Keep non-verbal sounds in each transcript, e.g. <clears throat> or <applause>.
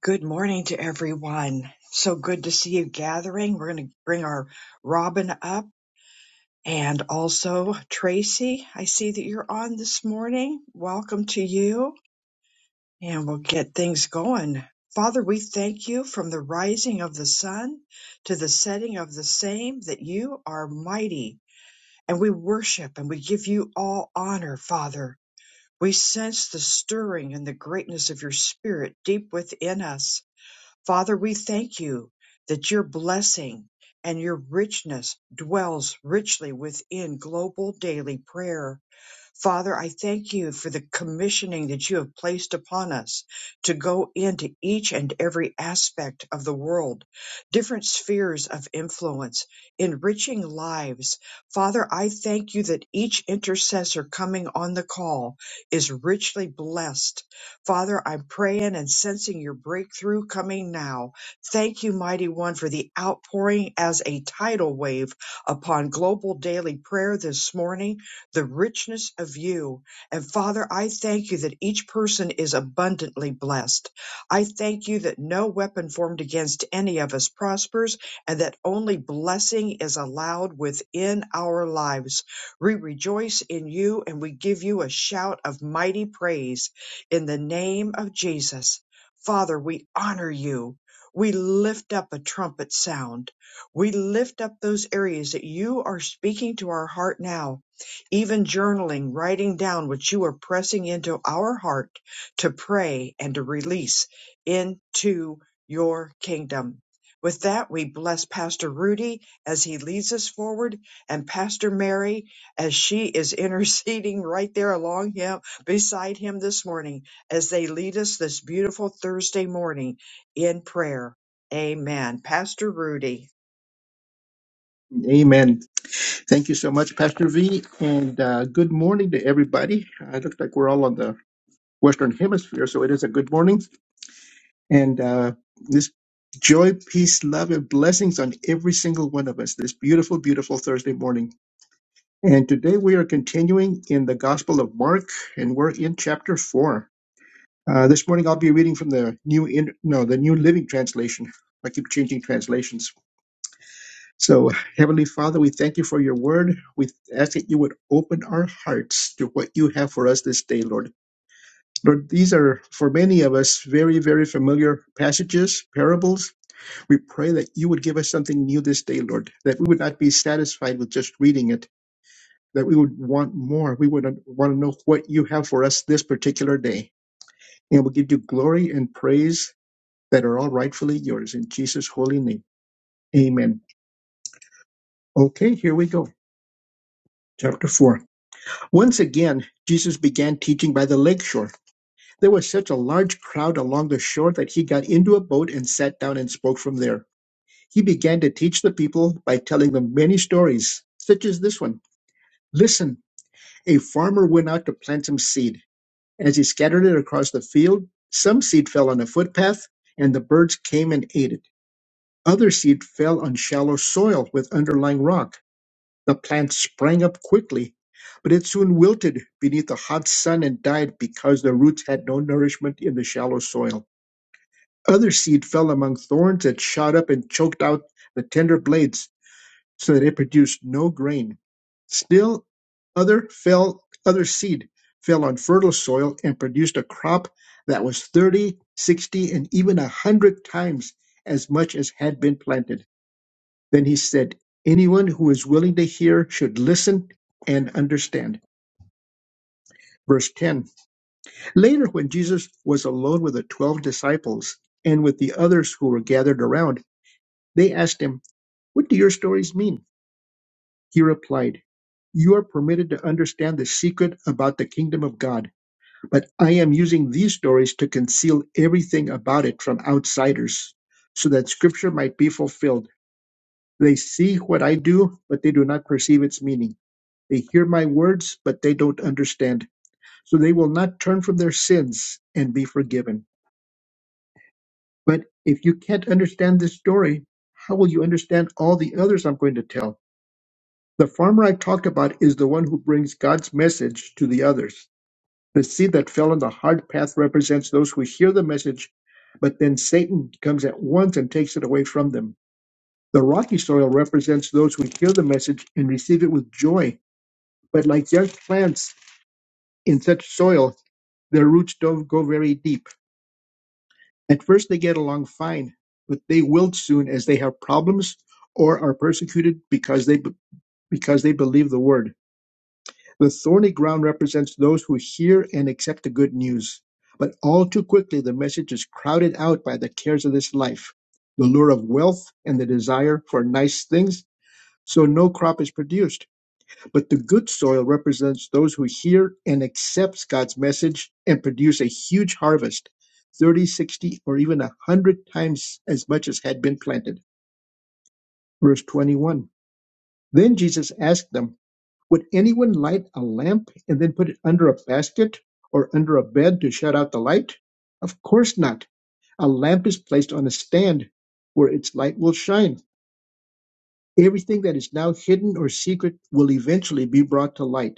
Good morning to everyone. So good to see you gathering. We're going to bring our Robin up and also Tracy. I see that you're on this morning. Welcome to you. And we'll get things going. Father, we thank you from the rising of the sun to the setting of the same that you are mighty. And we worship and we give you all honor, Father. We sense the stirring and the greatness of your spirit deep within us Father, we thank you that your blessing and your richness dwells richly within global daily prayer. Father, I thank you for the commissioning that you have placed upon us to go into each and every aspect of the world, different spheres of influence, enriching lives. Father, I thank you that each intercessor coming on the call is richly blessed. Father, I'm praying and sensing your breakthrough coming now. Thank you, Mighty One, for the outpouring as a tidal wave upon global daily prayer this morning the richness of you. And Father, I thank you that each person is abundantly blessed. I thank you that no weapon formed against any of us prospers and that only blessing is allowed within our lives. We rejoice in you and we give you a shout of mighty praise in the name of Jesus. Father, we honor you. We lift up a trumpet sound. We lift up those areas that you are speaking to our heart now even journaling, writing down what you are pressing into our heart to pray and to release into your kingdom. With that, we bless Pastor Rudy as he leads us forward and Pastor Mary as she is <laughs> interceding right there along him, beside him this morning as they lead us this beautiful Thursday morning in prayer. Amen. Pastor Rudy. Amen. Thank you so much, Pastor V, and uh, good morning to everybody. Uh, it looks like we're all on the Western Hemisphere, so it is a good morning. And uh, this joy, peace, love, and blessings on every single one of us this beautiful, beautiful Thursday morning. And today we are continuing in the Gospel of Mark, and we're in chapter four. Uh, this morning I'll be reading from the new in, no the New Living Translation. I keep changing translations. So, Heavenly Father, we thank you for your word. We ask that you would open our hearts to what you have for us this day, Lord. Lord, these are for many of us very, very familiar passages, parables. We pray that you would give us something new this day, Lord, that we would not be satisfied with just reading it, that we would want more. We would want to know what you have for us this particular day. And we'll give you glory and praise that are all rightfully yours in Jesus' holy name. Amen. Okay, here we go. Chapter 4. Once again, Jesus began teaching by the lake shore. There was such a large crowd along the shore that he got into a boat and sat down and spoke from there. He began to teach the people by telling them many stories, such as this one. Listen, a farmer went out to plant some seed. As he scattered it across the field, some seed fell on a footpath, and the birds came and ate it. Other seed fell on shallow soil with underlying rock. The plant sprang up quickly, but it soon wilted beneath the hot sun and died because the roots had no nourishment in the shallow soil. Other seed fell among thorns that shot up and choked out the tender blades so that it produced no grain. Still other fell other seed fell on fertile soil and produced a crop that was 30, 60, and even a 100 times as much as had been planted. Then he said, Anyone who is willing to hear should listen and understand. Verse 10 Later, when Jesus was alone with the 12 disciples and with the others who were gathered around, they asked him, What do your stories mean? He replied, You are permitted to understand the secret about the kingdom of God, but I am using these stories to conceal everything about it from outsiders, so that scripture might be fulfilled. They see what I do, but they do not perceive its meaning. They hear my words, but they don't understand. So they will not turn from their sins and be forgiven. But if you can't understand this story, how will you understand all the others I'm going to tell? The farmer I talked about is the one who brings God's message to the others. The seed that fell on the hard path represents those who hear the message, but then Satan comes at once and takes it away from them. The rocky soil represents those who hear the message and receive it with joy, but like young plants, In such soil, their roots don't go very deep. At first, they get along fine, but they wilt soon as they have problems or are persecuted because they because they believe the word. The thorny ground represents those who hear and accept the good news, but all too quickly the message is crowded out by the cares of this life, the lure of wealth, and the desire for nice things, so no crop is produced. But the good soil represents those who hear and accepts God's message and produce a huge harvest, 30, 60, or even 100 times as much as had been planted. Verse 21. Then Jesus asked them, Would anyone light a lamp and then put it under a basket or under a bed to shut out the light? Of course not. A lamp is placed on a stand where its light will shine. Everything that is now hidden or secret will eventually be brought to light.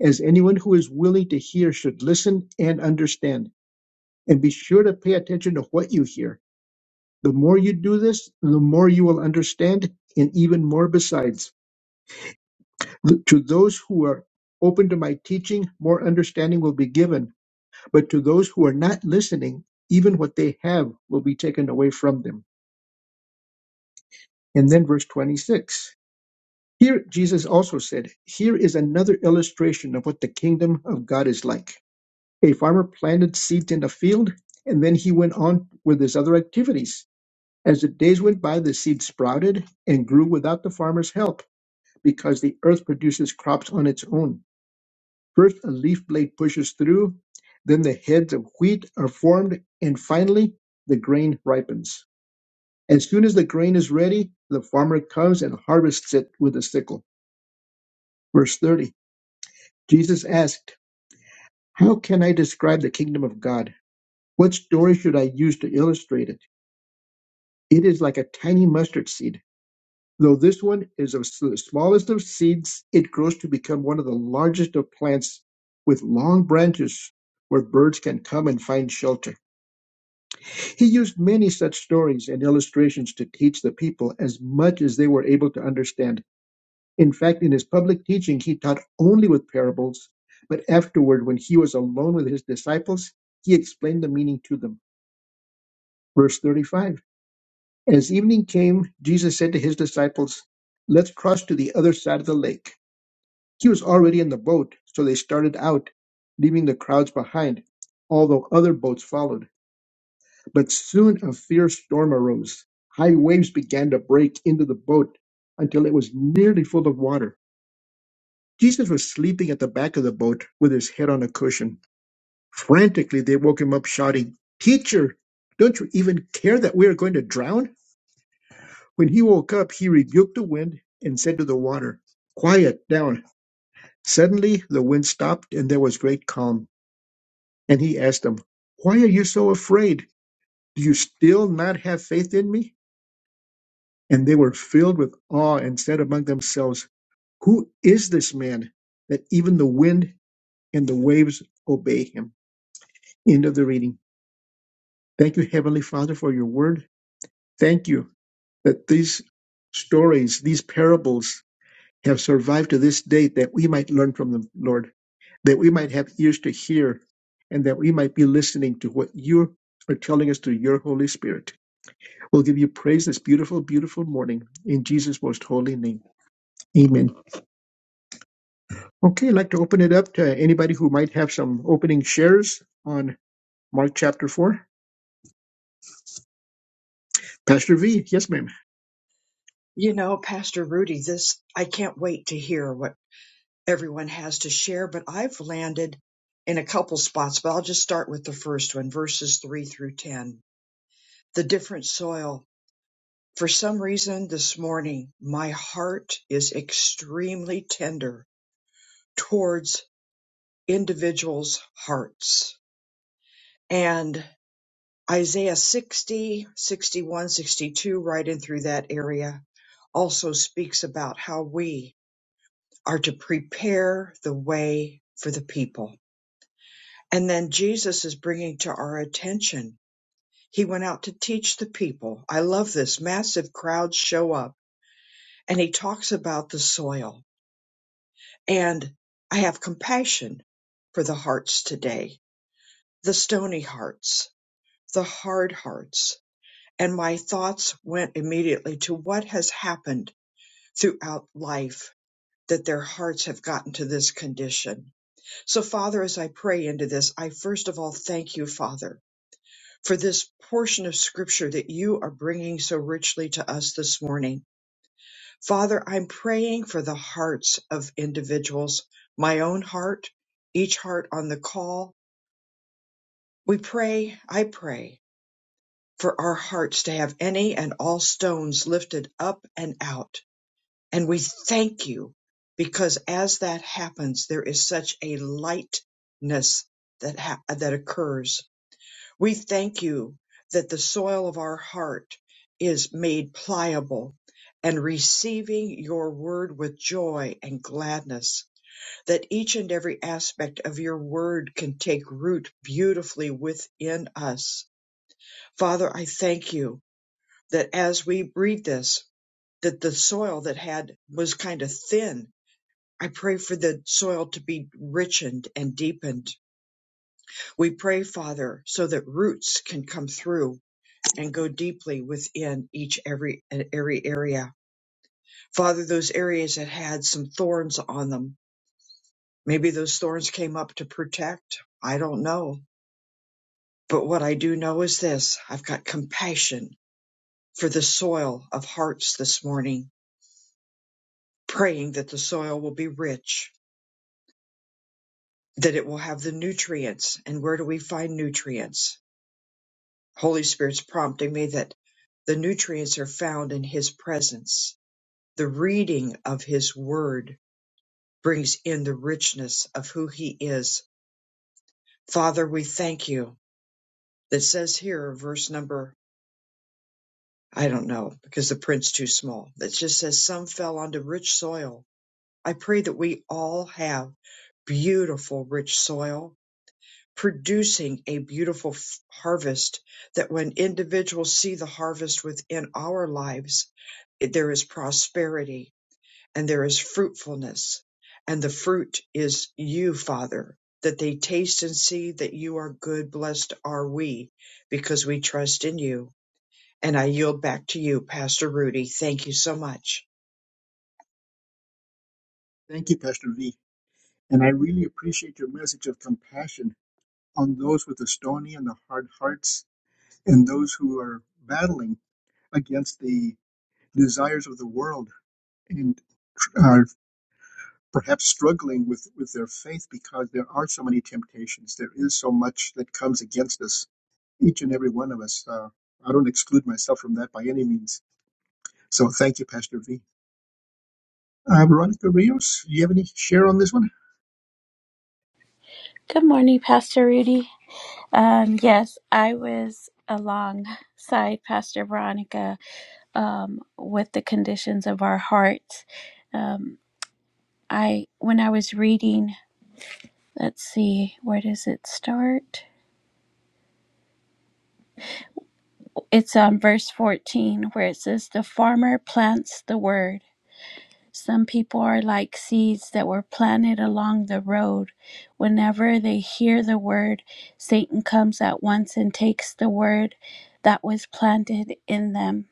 as anyone who is willing to hear should listen and understand. And be sure to pay attention to what you hear. The more you do this, the more you will understand, and even more besides. To those who are open to my teaching, more understanding will be given. But to those who are not listening, even what they have will be taken away from them. And then verse 26. Here, Jesus also said, Here is another illustration of what the kingdom of God is like. A farmer planted seeds in a field, and then he went on with his other activities. As the days went by, the seed sprouted and grew without the farmer's help because the earth produces crops on its own. First, a leaf blade pushes through, then, the heads of wheat are formed, and finally, the grain ripens. As soon as the grain is ready, the farmer comes and harvests it with a sickle. Verse 30 Jesus asked, How can I describe the kingdom of God? What story should I use to illustrate it? It is like a tiny mustard seed. Though this one is of s- the smallest of seeds, it grows to become one of the largest of plants with long branches where birds can come and find shelter. He used many such stories and illustrations to teach the people as much as they were able to understand. In fact, in his public teaching, he taught only with parables, but afterward, when he was alone with his disciples, he explained the meaning to them. Verse 35. As evening came, Jesus said to his disciples, Let's cross to the other side of the lake. He was already in the boat, so they started out, leaving the crowds behind, although other boats followed. But soon a fierce storm arose. High waves began to break into the boat until it was nearly full of water. Jesus was sleeping at the back of the boat with his head on a cushion. Frantically, they woke him up, shouting, Teacher, don't you even care that we are going to drown? When he woke up, he rebuked the wind and said to the water, Quiet down. Suddenly the wind stopped and there was great calm. And he asked them, Why are you so afraid? Do you still not have faith in me? And they were filled with awe and said among themselves, Who is this man that even the wind and the waves obey him? End of the reading. Thank you, Heavenly Father, for your word. Thank you that these stories, these parables, have survived to this day that we might learn from them, Lord, that we might have ears to hear and that we might be listening to what you are telling us through your Holy Spirit. We'll give you praise this beautiful, beautiful morning in Jesus' most holy name. Amen. Okay, I'd like to open it up to anybody who might have some opening shares on Mark chapter 4. Pastor V, yes, ma'am. You know, Pastor Rudy, this, I can't wait to hear what. everyone has to share, but I've landed in a couple spots, but I'll just start with the first one, verses 3 through 10. The different soil. For some reason this morning, my heart is extremely tender towards individuals' hearts. And Isaiah 60, 61, 62, right in through that area, also speaks about how we are to prepare the way for the people And then Jesus is bringing to our attention. He went out to teach the people. I love this. Massive crowds show up and he talks about the soil. And I have compassion for the hearts today, the stony hearts, the hard hearts. And my thoughts went immediately to what has happened throughout life that their hearts have gotten to this condition. So Father, as I pray into this, I first of all thank you, Father, for this portion of scripture that you are bringing so richly to us this morning. Father, I'm praying for the hearts of individuals, my own heart, each heart on the call. We pray, I pray, for our hearts to have any and all stones lifted up and out. And we thank you because as that happens, there is such a lightness that, ha- that occurs We thank you that the soil of our heart is made pliable and receiving your word with joy and gladness, that each and every aspect of your word can take root beautifully within us. Father, I thank you that as we breathe this, that the soil that had was kind of thin. I pray for the soil to be richened and deepened. We pray, Father, so that roots can come through and go deeply within each every uh, every area. Father, those areas that had some thorns on them, maybe those thorns came up to protect. I don't know. But what I do know is this I've got compassion for the soil of hearts this morning, praying that the soil will be rich, that it will have the nutrients. And where do we find nutrients? Holy Spirit's prompting me that the nutrients are found in His presence, the reading of His Word, brings in the richness of who he is. Father, we thank you. That says here, verse number, I don't know, because the print's too small. That just says, some fell onto rich soil. I pray that we all have beautiful, rich soil, producing a beautiful f- harvest. That when individuals see the harvest within our lives, it- there is prosperity, and there is fruitfulness. And the fruit is you, Father, that they taste and see that you are good. Blessed are we because we trust in you. And I yield back to you, Pastor Rudy. Thank you so much. Thank you, Pastor V. And I really appreciate your message of compassion on those with the stony and the hard hearts and those who are battling against the desires of the world and are perhaps struggling with, with their faith because there are so many temptations. There is so much that comes against us, each and every one of us. Uh, I don't exclude myself from that by any means. So thank you, Pastor V. Uh, Veronica Rios, do you have any share on this one? Good morning, Pastor Rudy. Um, yes, I was alongside Pastor Veronica um, with the conditions of our hearts. Um, I when I was reading, let's see, where does it start? It's on verse fourteen where it says, "The farmer plants the word." Some people are like seeds that were planted along the road. Whenever they hear the word, Satan comes at once and takes the word that was planted in them.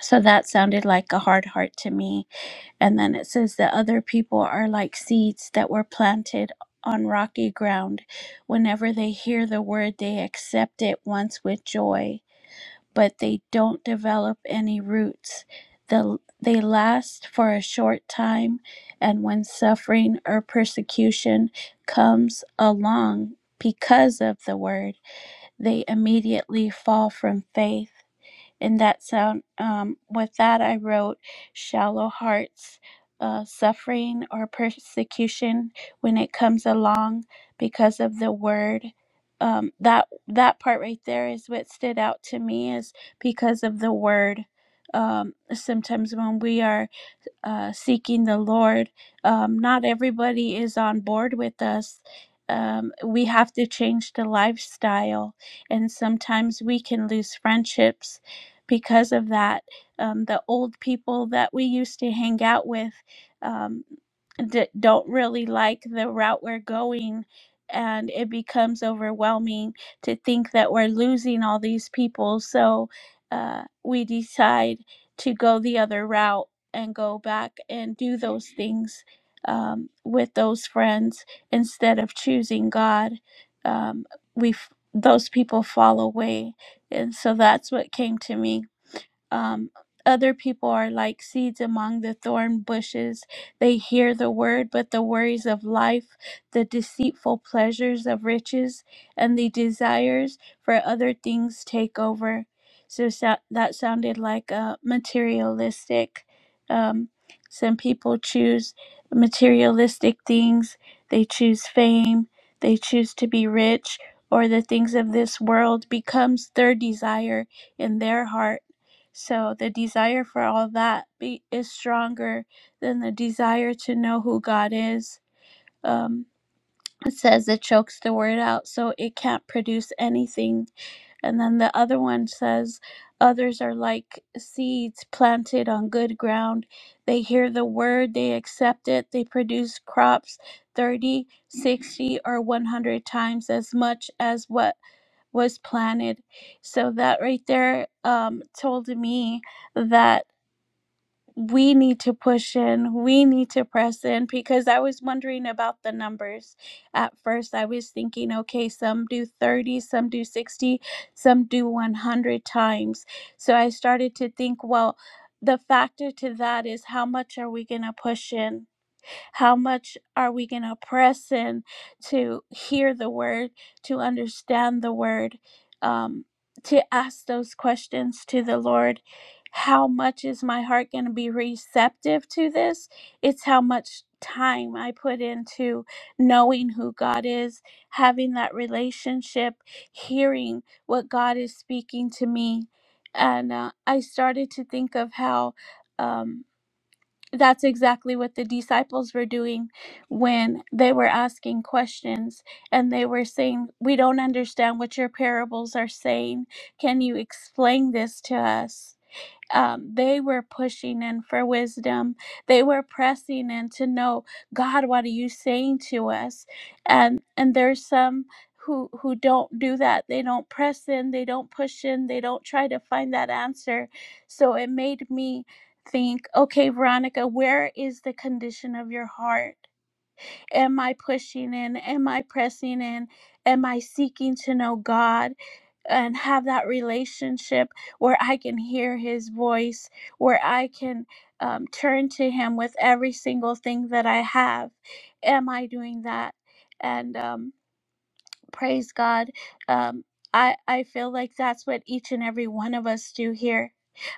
So that sounded like a hard heart to me. And then it says that other people are like seeds that were planted on rocky ground. Whenever they hear the word, they accept it once with joy but they don't develop any roots. The, they last for a short time, and when suffering or persecution comes along because of the word, they immediately fall from faith in that sound. Um, with that, I wrote shallow hearts. Uh, suffering or persecution when it comes along because of the word um, that that part right there is what stood out to me is because of the word um, sometimes when we are uh, seeking the Lord. Um, not everybody is on board with us. Um, we have to change the lifestyle, and sometimes we can lose friendships because of that. Um, the old people that we used to hang out with um, d- don't really like the route we're going. And it becomes overwhelming to think that we're losing all these people. So uh, we decide to go the other route and go back and do those things um, with those friends instead of choosing God. Um, we f- those people fall away, and so that's what came to me um, other people are like seeds among the thorn bushes. They hear the word, but the worries of life, the deceitful pleasures of riches, and the desires for other things take over. So, so that sounded like a materialistic. Um, some people choose materialistic things. They choose fame. They choose to be rich, or the things of this world becomes their desire in their heart so the desire for all that be, is stronger than the desire to know who God is. Um, it says it chokes the word out, so it can't produce anything. And then the other one says, Others are like seeds planted on good ground. They hear the word, they accept it, they produce crops 30, 60, or 100 times as much as what was planted. So that right there um, told me that we need to push in, we need to press in because I was wondering about the numbers. At first, I was thinking, okay, some do 30, some do 60, some do 100 times. So I started to think, well, the factor to that is how much are we going to push in? How much are we going to press in to hear the word, to understand the word, um, to ask those questions to the Lord? How much is my heart going to be receptive to this? It's how much time I put into knowing who God is, having that relationship, hearing what God is speaking to me. And uh, I started to think of how. Um, that's exactly what the disciples were doing when they were asking questions and they were saying, We don't understand what your parables are saying. Can you explain this to us? um, they were pushing in for wisdom. They were pressing in to know, God, what are you saying to us? And and there's some who who don't do that. They don't press in. They don't push in. They don't try to find that answer. So it made me think, okay, Veronica, where is the condition of your heart? Am I pushing in? Am I pressing in? Am I seeking to know God? and have that relationship where I can hear his voice, where I can um, turn to him with every single thing that I have. Am I doing that? And um, praise God. Um, I, I feel like that's what each and every one of us do here.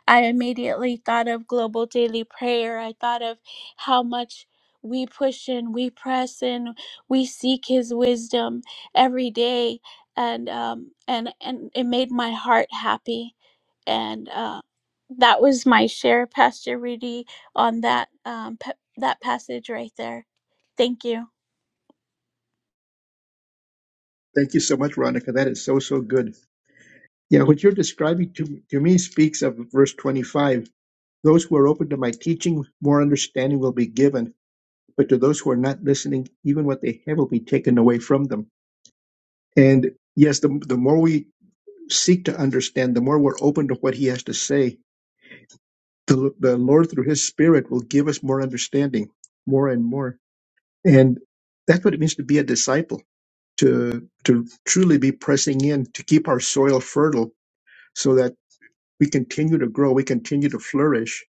I immediately thought of global daily prayer. I thought of how much we push and we press and we seek His wisdom every day, and um, and and it made my heart happy, and uh, that was my share, Pastor Rudy, on that um, pa- that passage right there. Thank you. Thank you so much, Veronica. That is so, so good. Yeah, what you're describing to, to me speaks of verse 25. Those who are open to my teaching, more understanding will be given but to those who are not listening, even what they have will be taken away from them. And yes, the, the more we seek to understand, the more we're open to what he has to say, the, the Lord through his spirit will give us more understanding, more and more. And that's what it means to be a disciple, to, to truly be pressing in, to keep our soil fertile so that we continue to grow, we continue to flourish.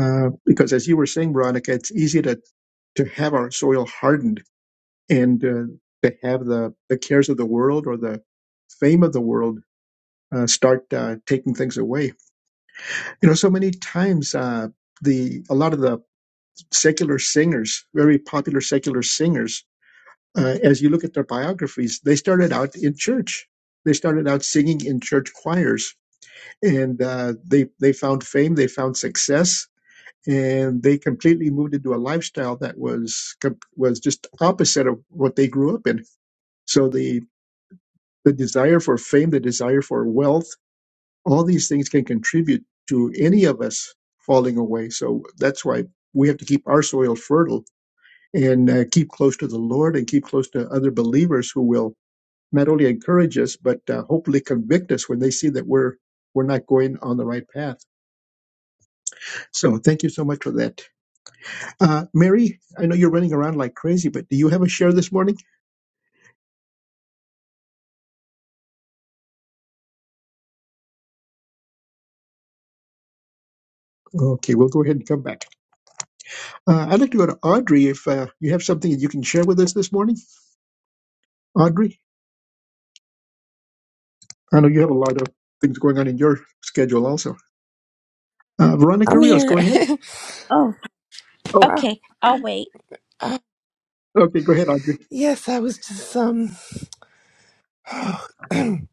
Uh, because as you were saying, Veronica, it's easy to, to have our soil hardened and uh, they have the the cares of the world or the fame of the world uh, start uh, taking things away. You know, so many times uh, the a lot of the secular singers, very popular secular singers, uh, as you look at their biographies, they started out in church. They started out singing in church choirs, and uh, they they found fame, they found success, and they completely moved into a lifestyle that was com- was just opposite of what they grew up in. So the the desire for fame, the desire for wealth, all these things can contribute to any of us falling away. So that's why we have to keep our soil fertile and uh, keep close to the Lord and keep close to other believers who will not only encourage us but uh, hopefully convict us when they see that we're we're not going on the right path. So thank you so much for that, uh, Mary. I know you're running around like crazy, but do you have a share this morning? Okay, we'll go ahead and come back. Uh, I'd like to go to Audrey if uh, you have something that you can share with us this morning. Audrey. I know you have a lot of things going on in your schedule also. Uh, Veronica I'm Rios, here. go ahead. <laughs> Oh, Oh, oh, okay. I'll wait. uh, okay, go ahead, Audrey. yes, I was just um <clears throat> trying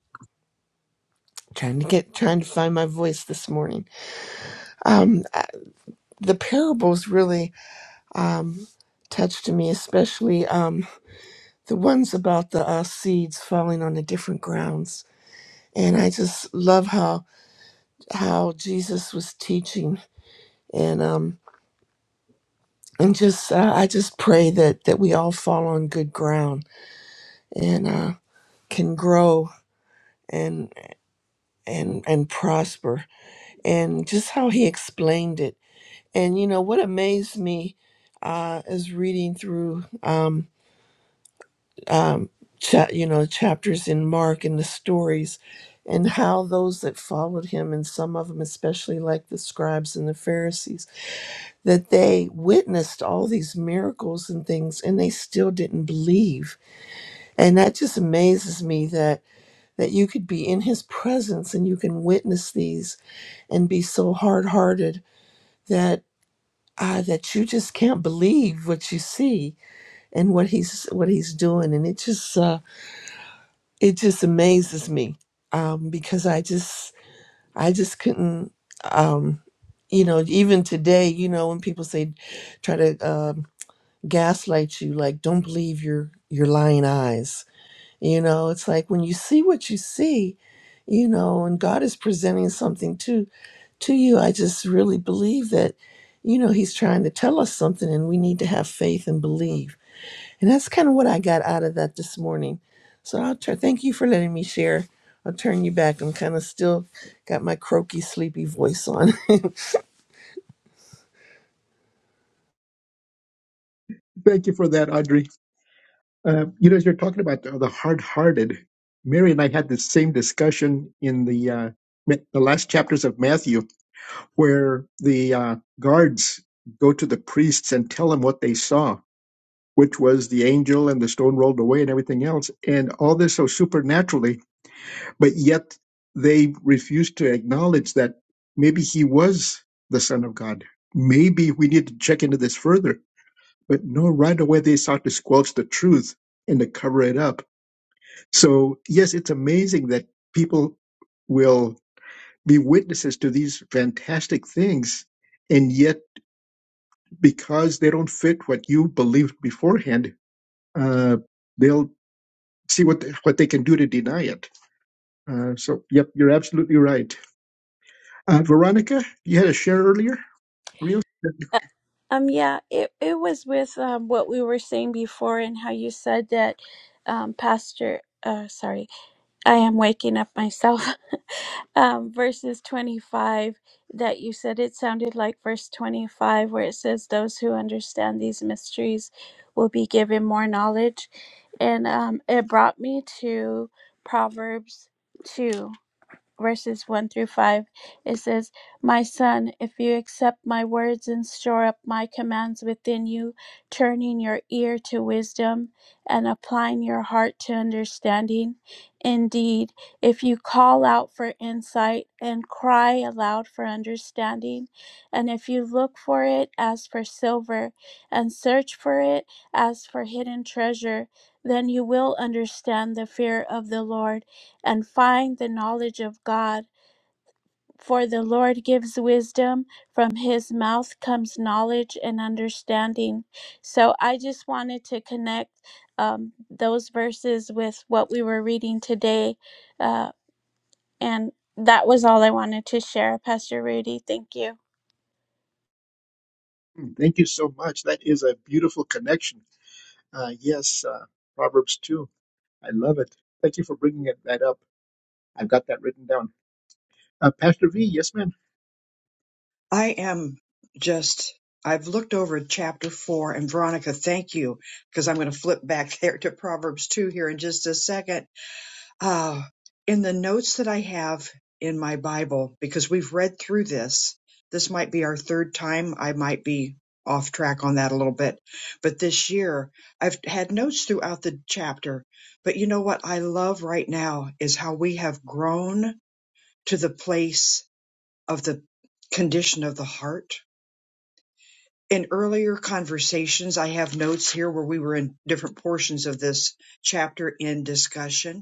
to get trying to find my voice this morning. Um, I- the parables really um touched me, especially um the ones about the uh, seeds falling on the different grounds. And I just love how how Jesus was teaching, and um and just uh, I just pray that that we all fall on good ground and uh, can grow and and and prosper and just how he explained it. And you know what amazed me uh, is reading through um, um, cha- you know chapters in Mark and the stories, and how those that followed him and some of them, especially like the scribes and the Pharisees, that they witnessed all these miracles and things, and they still didn't believe. And that just amazes me that that you could be in his presence and you can witness these and be so hard-hearted uh, that you just can't believe what you see and what he's what he's doing and it just uh, it just amazes me um, because I just I just couldn't um, you know even today you know when people say try to um, gaslight you like don't believe your your lying eyes you know it's like when you see what you see you know and God is presenting something too to you. I just really believe that, you know, he's trying to tell us something and we need to have faith and believe. And that's kind of what I got out of that this morning. So I'll try, thank you for letting me share. I'll turn you back. I'm kind of still got my croaky, sleepy voice on. <laughs> Thank you for that, Audrey. Uh, you know, as you're talking about the, the hard-hearted, Mary and I had the same discussion in the uh, Ma- the last chapters of Matthew, where the uh, guards go to the priests and tell them what they saw, which was the angel and the stone rolled away and everything else, and all this so supernaturally But yet they refused to acknowledge that maybe he was the Son of God. Maybe we need to check into this further. But no, right away they sought to squelch the truth and to cover it up. So, yes, it's amazing that people will be witnesses to these fantastic things. And yet, because they don't fit what you believed beforehand, uh, they'll see what, what they can do to deny it. Uh, so, yep, you're absolutely right. Uh, Veronica, you had a share earlier. Real. Um, yeah, it, it was with um, what we were saying before and how you said that um, Pastor, uh, sorry, I am waking up myself. <laughs> Um, verses 25, that you said it sounded like verse 25, where it says, Those who understand these mysteries will be given more knowledge. And um, it brought me to Proverbs 2 verses 1 through 5, it says, My son, if you accept my words and store up my commands within you, turning your ear to wisdom and applying your heart to understanding, indeed, if you call out for insight and cry aloud for understanding, and if you look for it as for silver and search for it as for hidden treasure, then you will understand the fear of the Lord and find the knowledge of God. For the Lord gives wisdom, from his mouth comes knowledge and understanding. So I just wanted to connect um, those verses with what we were reading today. Uh, and that was all I wanted to share, Pastor Rudy. Thank you. Thank you so much. That is a beautiful connection. Uh, yes, uh, Proverbs 2. I love it. Thank you for bringing it, that up. I've got that written down. Uh, Pastor V, yes, ma'am. I am just, I've looked over chapter four and Veronica, thank you, because I'm going to flip back <laughs> there to Proverbs two here in just a second Ah, in the notes that I have in my Bible, because we've read through this, this might be our third time. I might be off track on that a little bit. But this year, I've had notes throughout the chapter. But you know what I love right now is how we have grown to the place of the condition of the heart. In earlier conversations, I have notes here where we were in different portions of this chapter in discussion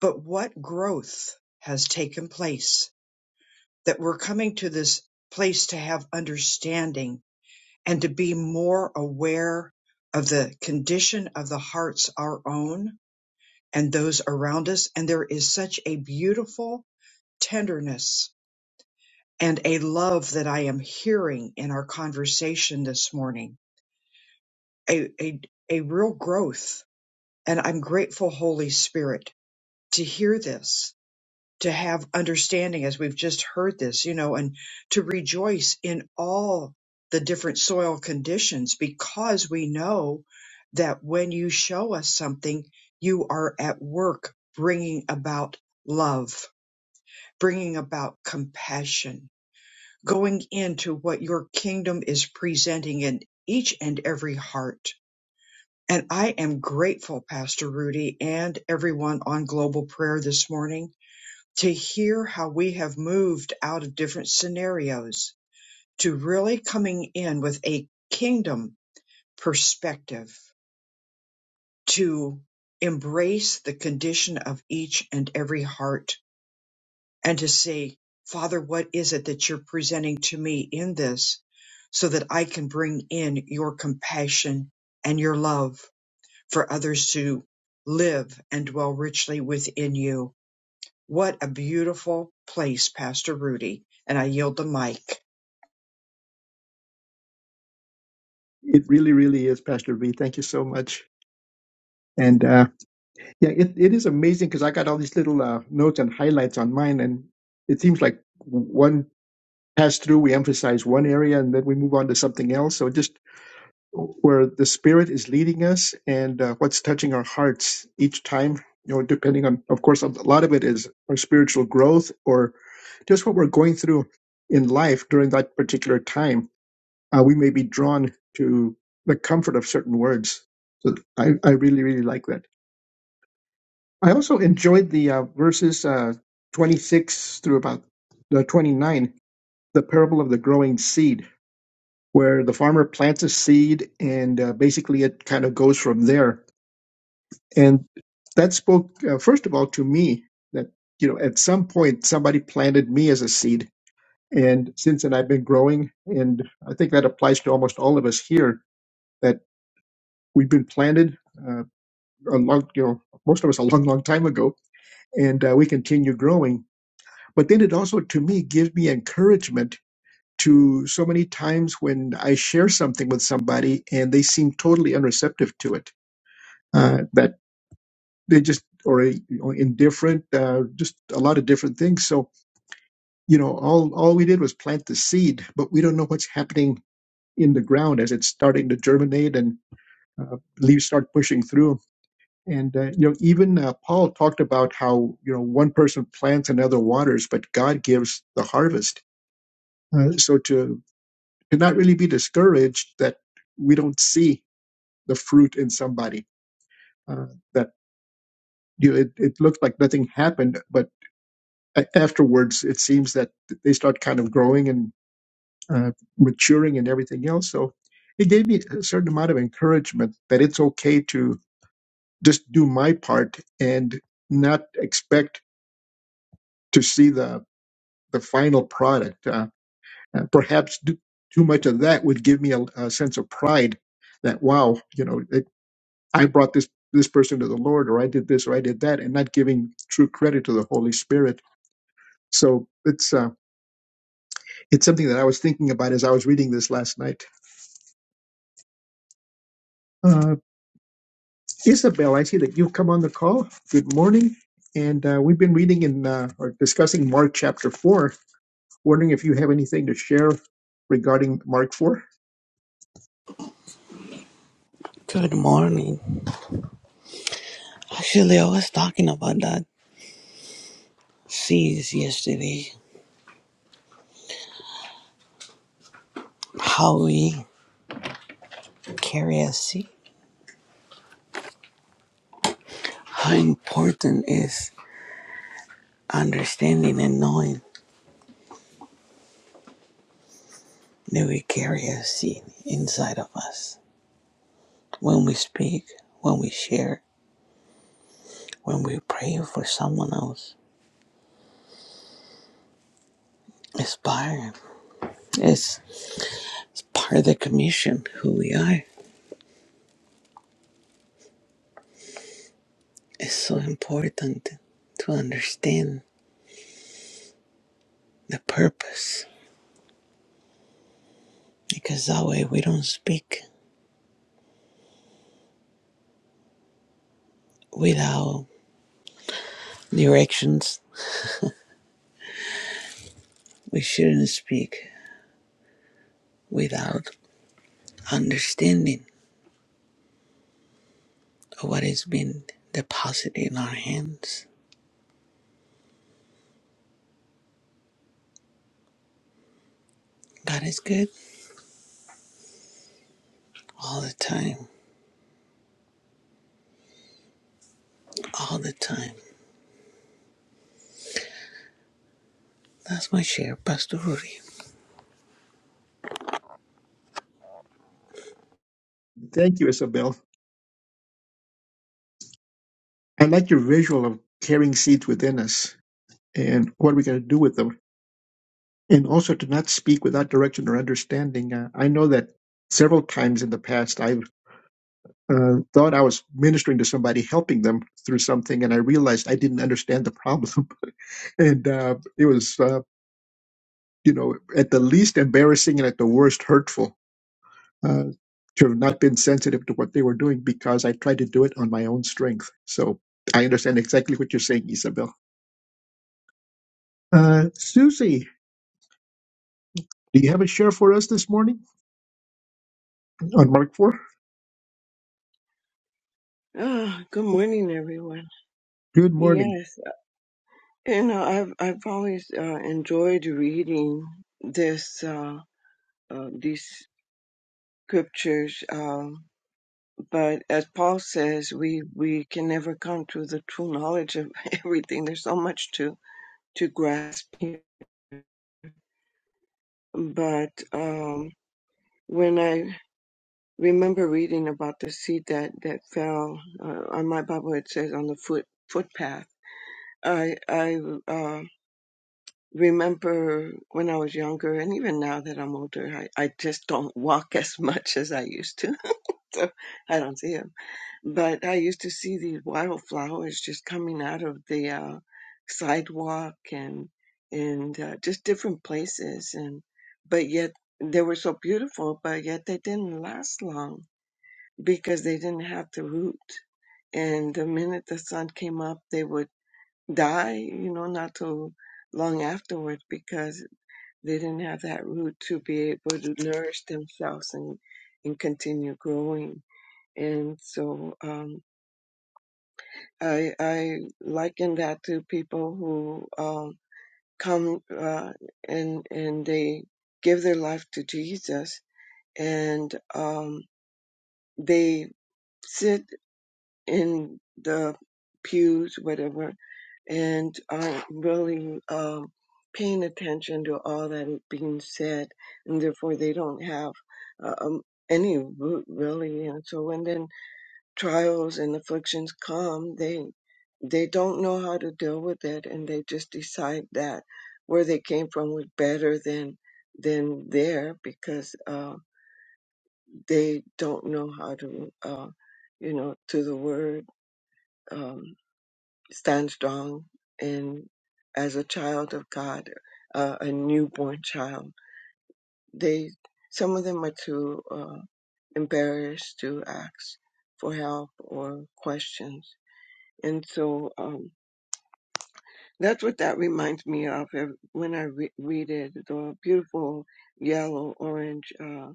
but what growth has taken place that we're coming to this place to have understanding and to be more aware of the condition of the hearts our own and those around us and there is such a beautiful tenderness and a love that I am hearing in our conversation this morning a a, a real growth and I'm grateful holy spirit to hear this to have understanding as we've just heard this, you know, and to rejoice in all the different soil conditions because we know that when you show us something, you are at work bringing about love, bringing about compassion, going into what your kingdom is presenting in each and every heart. And I am grateful, Pastor Rudy, and everyone on Global Prayer this morning to hear how we have moved out of different scenarios to really coming in with a kingdom perspective to embrace the condition of each and every heart and to say, Father, what is it that you're presenting to me in this so that I can bring in your compassion and your love for others to live and dwell richly within you? What a beautiful place, Pastor Rudy. And I yield the mic. It really, really is, Pastor V. Thank you so much. And uh, yeah, it, it is amazing because I got all these little uh, notes and highlights on mine. And it seems like one pass through, we emphasize one area and then we move on to something else. So just where the Spirit is leading us and uh, what's touching our hearts each time. You know, depending on, of course, a lot of it is our spiritual growth or just what we're going through in life during that particular time. Uh, we may be drawn to the comfort of certain words. So I, I really, really like that. I also enjoyed the uh, verses uh, 26 through about the 29, the parable of the growing seed, where the farmer plants a seed and uh, basically it kind of goes from there And that spoke, uh, first of all, to me that, you know, at some point somebody planted me as a seed. And since then, I've been growing. And I think that applies to almost all of us here that we've been planted uh, a long, you know, most of us a long, long time ago. And uh, we continue growing. But then it also, to me, gives me encouragement to so many times when I share something with somebody and they seem totally unreceptive to it. Uh, that they just or a, indifferent, uh, just a lot of different things. So you know, all all we did was plant the seed, but we don't know what's happening in the ground as it's starting to germinate and uh, leaves start pushing through. And uh, you know, even uh, Paul talked about how you know one person plants and another waters, but God gives the harvest. Uh, so to to not really be discouraged that we don't see the fruit in somebody uh, that you know, it, it looked like nothing happened, but a- afterwards it seems that they start kind of growing and uh, maturing and everything else so it gave me a certain amount of encouragement that it's okay to just do my part and not expect to see the the final product uh, uh, perhaps do, too much of that would give me a, a sense of pride that wow you know it, i brought this this person to the lord or i did this or i did that and not giving true credit to the holy spirit so it's uh, It's something that I was thinking about as I was reading this last night. Uh, Isabel, I see that you've come on the call. Good morning. And uh, we've been reading in uh, or discussing Mark chapter 4. Wondering if you have anything to share regarding Mark 4? Good morning. Actually, I was talking about that seeds yesterday. How we carry a seed. How important is understanding and knowing that we carry a seed inside of us. When we speak, when we share, when we pray for someone else. It's part. It's, it's part of the commission who we are. It's so important to understand the purpose because that way we don't speak without The directions. We shouldn't speak without understanding of what has been deposited in our hands. God is good all the time, all the time. That's my share, Pastor Rudy. Thank you, Isabel. I like your visual of carrying seeds within us and what are we going to do with them. and also to not speak without direction or understanding. Uh, I know that several times in the past I've uh, thought I was ministering to somebody, helping them through something, and I realized I didn't understand the problem, <laughs> and uh, it was, uh, you know, at the least embarrassing and at the worst hurtful uh, to have not been sensitive to what they were doing because I tried to do it on my own strength. So I understand exactly what you're saying, Isabel. Uh, Susie, do you have a share for us this morning on Mark Four? Oh, good morning, everyone. Good morning. Yes, you know, I've I've always uh, enjoyed reading this uh, uh, these scriptures, um, but as Paul says, we we can never come to the true knowledge of <laughs> everything. There's so much to to grasp here. But um, when I remember reading about the seed that that fell uh, on my Bible, it says on the foot footpath. I I um remember when I was younger, and even now that I'm older, I, I just don't walk <laughs> as much as I used to. <laughs> So I don't see them. But I used to see these wildflowers just coming out of the uh, sidewalk and and uh, just different places, and but yet they were so beautiful, but yet they didn't last long because they didn't have the root. And the minute the sun came up, they would die. You know, not too long afterwards because they didn't have that root to be able to nourish themselves and and continue growing. And so um, I I liken that to people who um, come uh, and and they give their life to Jesus and um, they sit. in the pews, whatever, and aren't really um, paying attention to all that is being said, and therefore they don't have uh, um, any root really. And so when then trials and afflictions come, they they don't know how to deal with it, and they just decide that where they came from was better than than there because uh, they don't know how to, uh, you know, to the word. Um, stand strong and as a child of God, uh, a newborn child. They some of them are too uh, embarrassed to ask for help or questions, and so um, that's what that reminds me of when I re- read it. The beautiful yellow orange uh,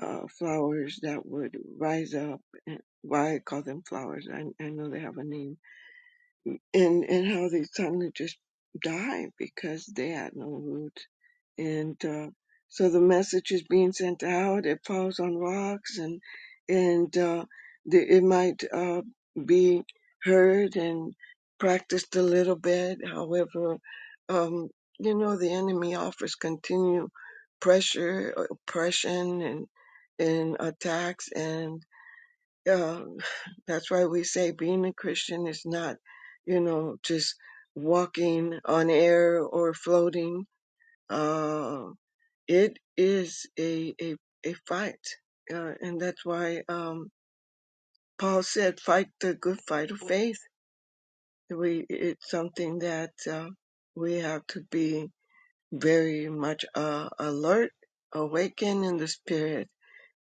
uh, flowers that would rise up. and- Why I call them flowers? I, I know they have a name and and how they suddenly just die because they had no root and uh, so the message is being sent out it falls on rocks and and uh, the, it might uh, be heard and practiced a little bit however um, you know the enemy offers continued pressure oppression and and attacks and um, <sighs> that's why we say being a Christian is not, you know, just walking on air or floating. Uh, it is a a, a fight, uh, and that's why um, Paul said, "Fight the good fight of faith." We it's something that uh, we have to be very much uh, alert, awakened in the spirit,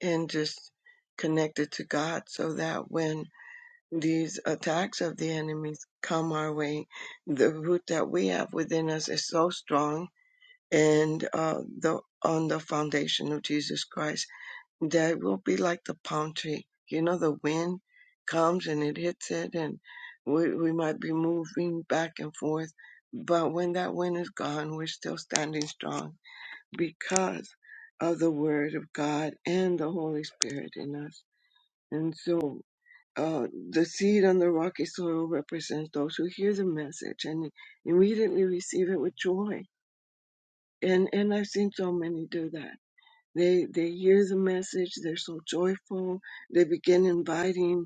and just connected to God, so that when these attacks of the enemies come our way, the root that we have within us is so strong and uh, the on the foundation of Jesus Christ that will be like the palm tree. You know, the wind comes and it hits it, and we, we might be moving back and forth, but when that wind is gone, we're still standing strong because of the Word of God and the Holy Spirit in us. And so uh, the seed on the rocky soil represents those who hear the message and immediately receive it with joy. And and I've seen so many do that. They they hear the message. They're so joyful. They begin inviting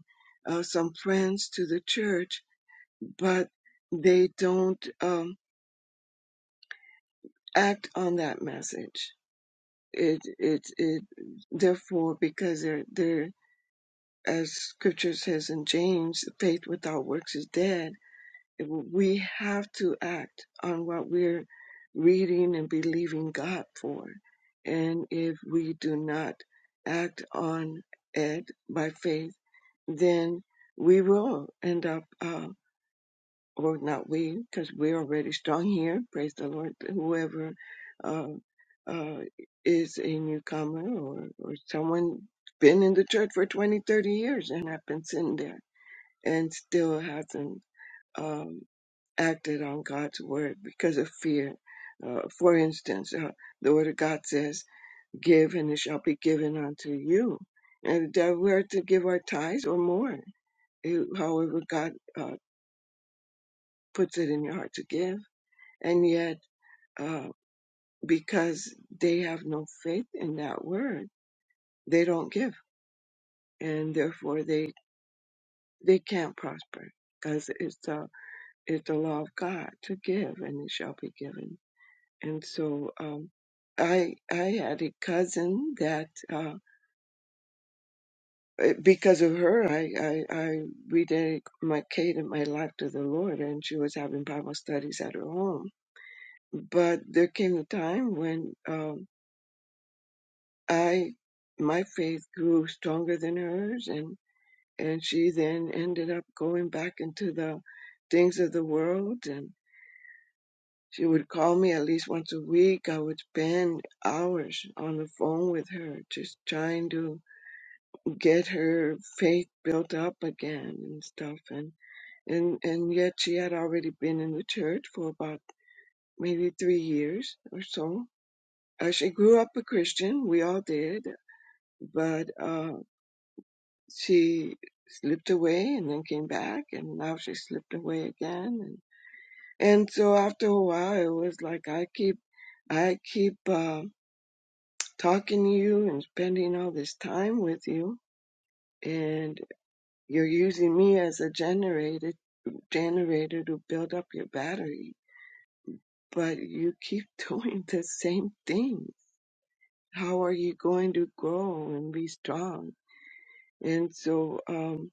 uh, some friends to the church, but they don't um, act on that message. It it it therefore because they're they're as Scripture says in James, faith without works is dead we have to act on what we're reading and believing God for. And if we do not act on it by faith, then we will end up, uh, or not we, because we're already strong here. Praise the Lord. Whoever uh, uh, is a newcomer or, or someone been in the church for 20, 30 years and have been sitting there and still hasn't um, acted on God's word because of fear. Uh, for instance, uh, the word of God says, Give and it shall be given unto you. And that we are to give our tithes or more, eh, however God uh, puts it in your heart to give. And yet, uh, because they have no faith in that word, they don't give. And therefore, they, they can't prosper because it's, uh, it's the law of God to give and it shall be given and so um, I I had a cousin that uh, eh, because of her I I, I rededicated my life to the Lord, and she was having Bible studies at her home. But there came a time when um, I my faith grew stronger than hers, and and she then ended up going back into the things of the world and. She would call me at least once a week. I would spend hours on the phone with her, just trying to get her faith built up again and stuff and and and yet she had already been in the church for about maybe three years or so uh, she grew up a christian we all did but uh she slipped away and then came back and now she slipped away again and and so after a while it was like i keep i keep uh, talking to you and spending all this time with you and you're using me as a generator generator to build up your battery, but you keep <laughs> doing the same things. How are you going to grow and be strong? And so um,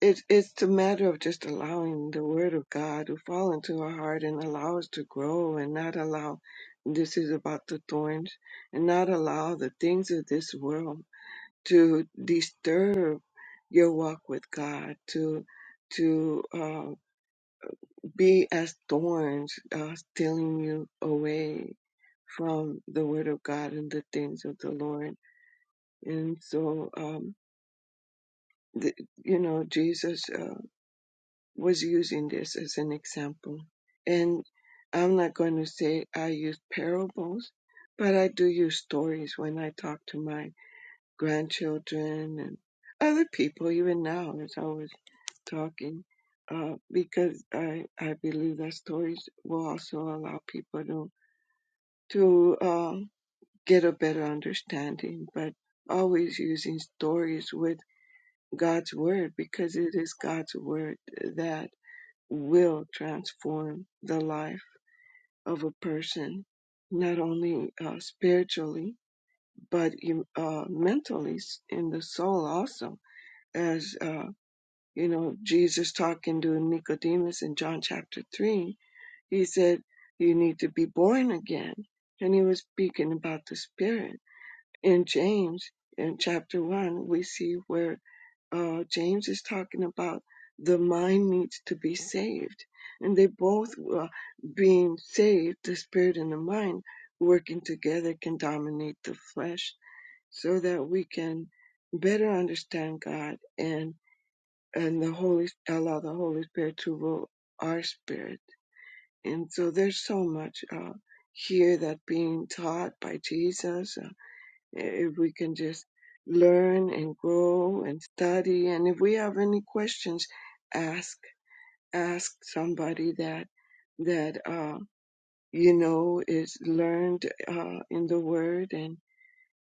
it, it's a matter of just allowing the Word of God to fall into our heart and allow us to grow and not allow this is about the thorns and not allow the things of this world to disturb your walk with God, to to um, be as thorns uh, stealing you away from the word of God and the things of the Lord. And so, um, the, you know, Jesus uh, was using this as an example. And I'm not going to say I use parables, but I do use stories when I talk to my grandchildren and other people, even now, as I was talking. Uh, because I, I believe that stories will also allow people to to uh, get a better understanding, but always using stories with God's Word because it is God's Word that will transform the life of a person, not only uh, spiritually, but e, uh, mentally in the soul also. As uh, you know, Jesus talking to Nicodemus in John chapter 3, he said, You need to be born again. And he was speaking about the Spirit in James, in chapter one, we see where uh, James is talking about the mind needs to be saved, and they both uh, being saved, the spirit and the mind working together can dominate the flesh, so that we can better understand God and and the Holy allow the Holy Spirit to rule our spirit. And so there's so much uh, here that being taught by Jesus. uh, if we can just learn and grow and study and if we have any questions ask ask somebody that that uh you know is learned uh in the word and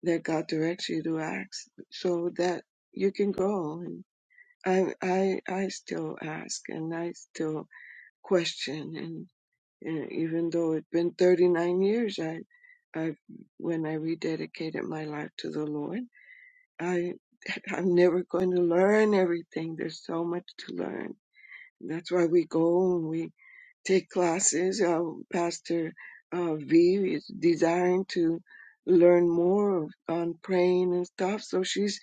that god directs you to ask so that you can grow and i i i still ask and i still question and, and even though it's been 39 years i i when i rededicated my life to the lord I <laughs> I'm never going to learn everything. There's so much to learn. That's why we go and we take classes. Uh, Pastor uh, V is desiring to learn more of- on praying and stuff. So she's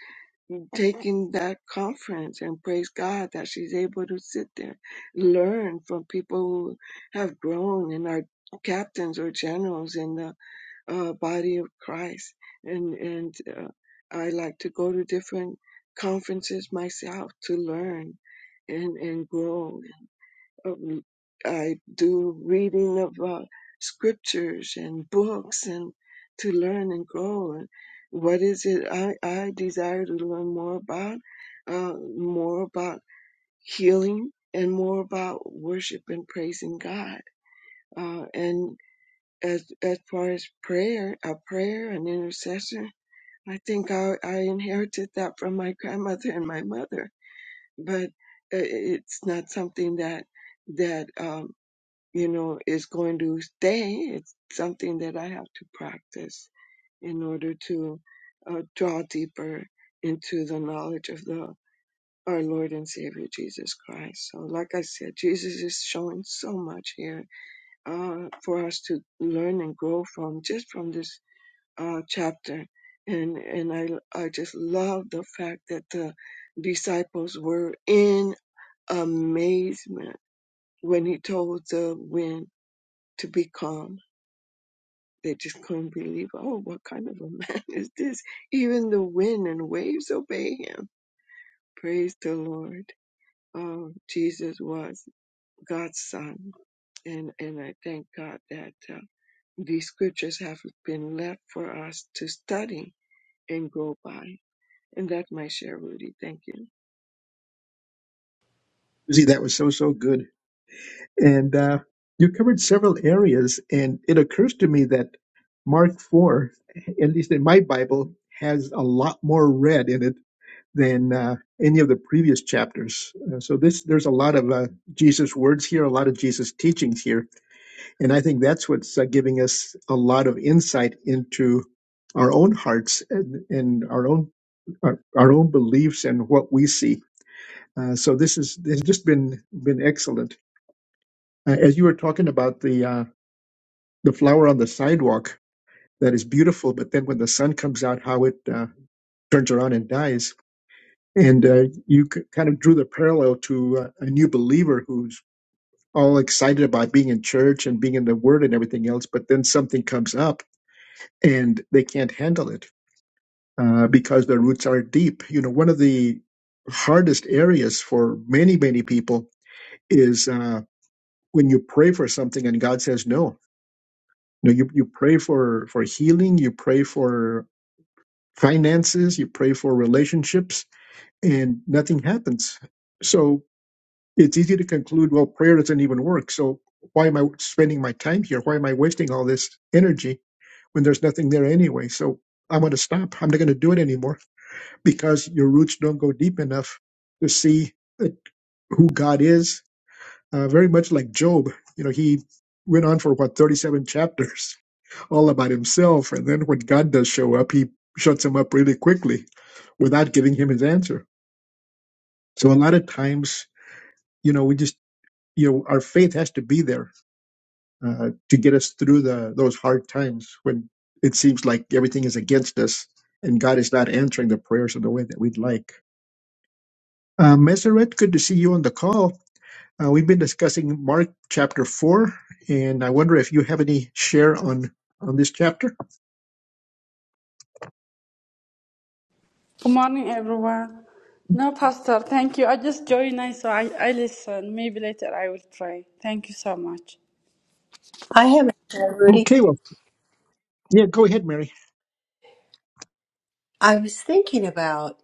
taking that conference and praise God that she's able to sit there, learn from people who have grown and are captains or generals in the uh, body of Christ, and and uh, I like to go to different conferences myself to learn and and grow. Um, I do reading of uh, scriptures and books and to learn and grow. And what is it I I desire to learn more about? Uh, more about healing and more about worship and praising God. Uh, and as as far as prayer, a prayer and intercession, I think I, I inherited that from my grandmother and my mother. But i- it's not something that that um, you know is going to stay. It's something that I have to practice in order to uh, draw deeper into the knowledge of the our Lord and Savior Jesus Christ. So, like I said, Jesus is showing so much here uh, for us to learn and grow from just from this uh, chapter. And and I I just love the fact that the disciples were in amazement when he told the wind to be calm. They just couldn't believe. Oh, what kind of a man <laughs> is this? Even the wind and waves obey him. Praise the Lord. Um, Jesus was God's son, and and I thank God that. uh, These scriptures have been left for us to study and go by. And that's my share, Rudy. Thank you. Susie, that was so, so good. And uh, you covered several areas. And it occurs to me that Mark 4, at least in my Bible, has a lot more red in it than uh, any of the previous chapters. Uh, so this there's a lot of uh, Jesus words here, a lot of Jesus teachings here. And I think that's what's uh, giving us a lot of insight into our own hearts and, and our own our, our own beliefs and what we see. Uh, so this is this has just been been excellent. Uh, as you were talking about the uh, the flower on the sidewalk that is beautiful, but then when the sun comes out, how it uh, turns around and dies. And uh, you c- kind of drew the parallel to uh, a new believer who's all excited about being in church and being in the Word and everything else, but then something comes up and they can't handle it uh, because their roots are deep. You know, one of the hardest areas for many many people is uh, when you pray for something and God says no You know, you, you pray for for healing, you pray for finances, you pray for relationships, and nothing happens. So it's easy to conclude, well, prayer doesn't even work. So why am I spending my time here? Why am I wasting all this energy when there's nothing there anyway? So I'm going to stop. I'm not going to do it anymore because your roots don't go deep enough to see that who God is. Uh, very much like Job, you know, he went on for about 37 chapters all about himself. And then when God does show up, he shuts him up really quickly without giving him his answer. So a lot of times, you know, we just, you know, our faith has to be there uh, to get us through the those hard times when it seems like everything is against us and God is not answering the prayers in the way that we'd like. Uh, Meseret, good to see you on the call. Uh, we've been discussing Mark chapter four, and I wonder if you have any share on on this chapter. Good morning, everyone. No, Pastor, thank you. I just joined, I- so I, I listen. Maybe later I will pray. Thank you so much. I have a share, Rudy. Okay, well, yeah, go ahead, Mary. I was thinking about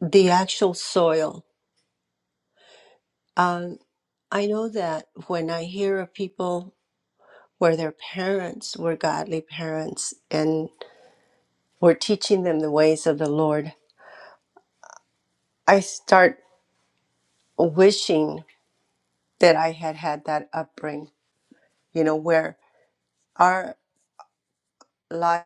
the actual soil. Um, I know that when I hear of people where their parents were godly parents and were teaching them the ways of the Lord, I start wishing that I had had that upbringing, you know, where our life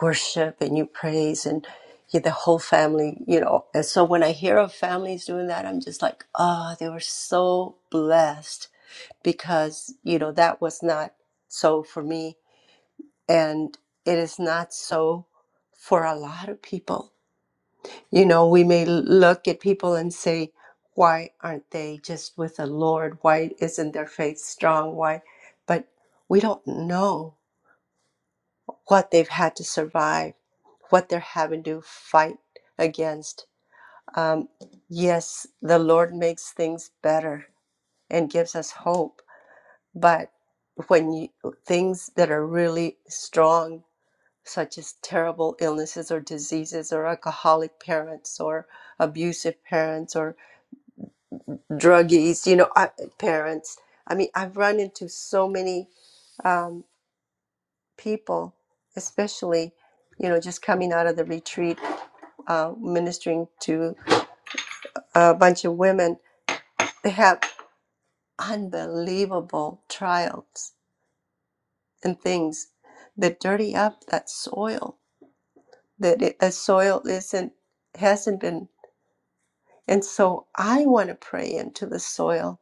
worship and you praise and you, the whole family, you know. And so when I hear of families doing that, I'm just like, oh, they were so blessed because you know that was not so for me and it is not so for a lot of people you know we may look at people and say why aren't they just with the lord why isn't their faith strong why but we don't know what they've had to survive what they're having to fight against um, yes the lord makes things better and gives us hope But when you things that are really strong, such as terrible illnesses or diseases, or alcoholic parents, or abusive parents, or druggies, you know, I, parents. I mean, I've run into so many um, people, especially, you know, just coming out of the retreat, uh, ministering to a bunch of women. They have unbelievable trials and things that dirty up that soil that it, a soil isn't hasn't been and so i want to pray into the soil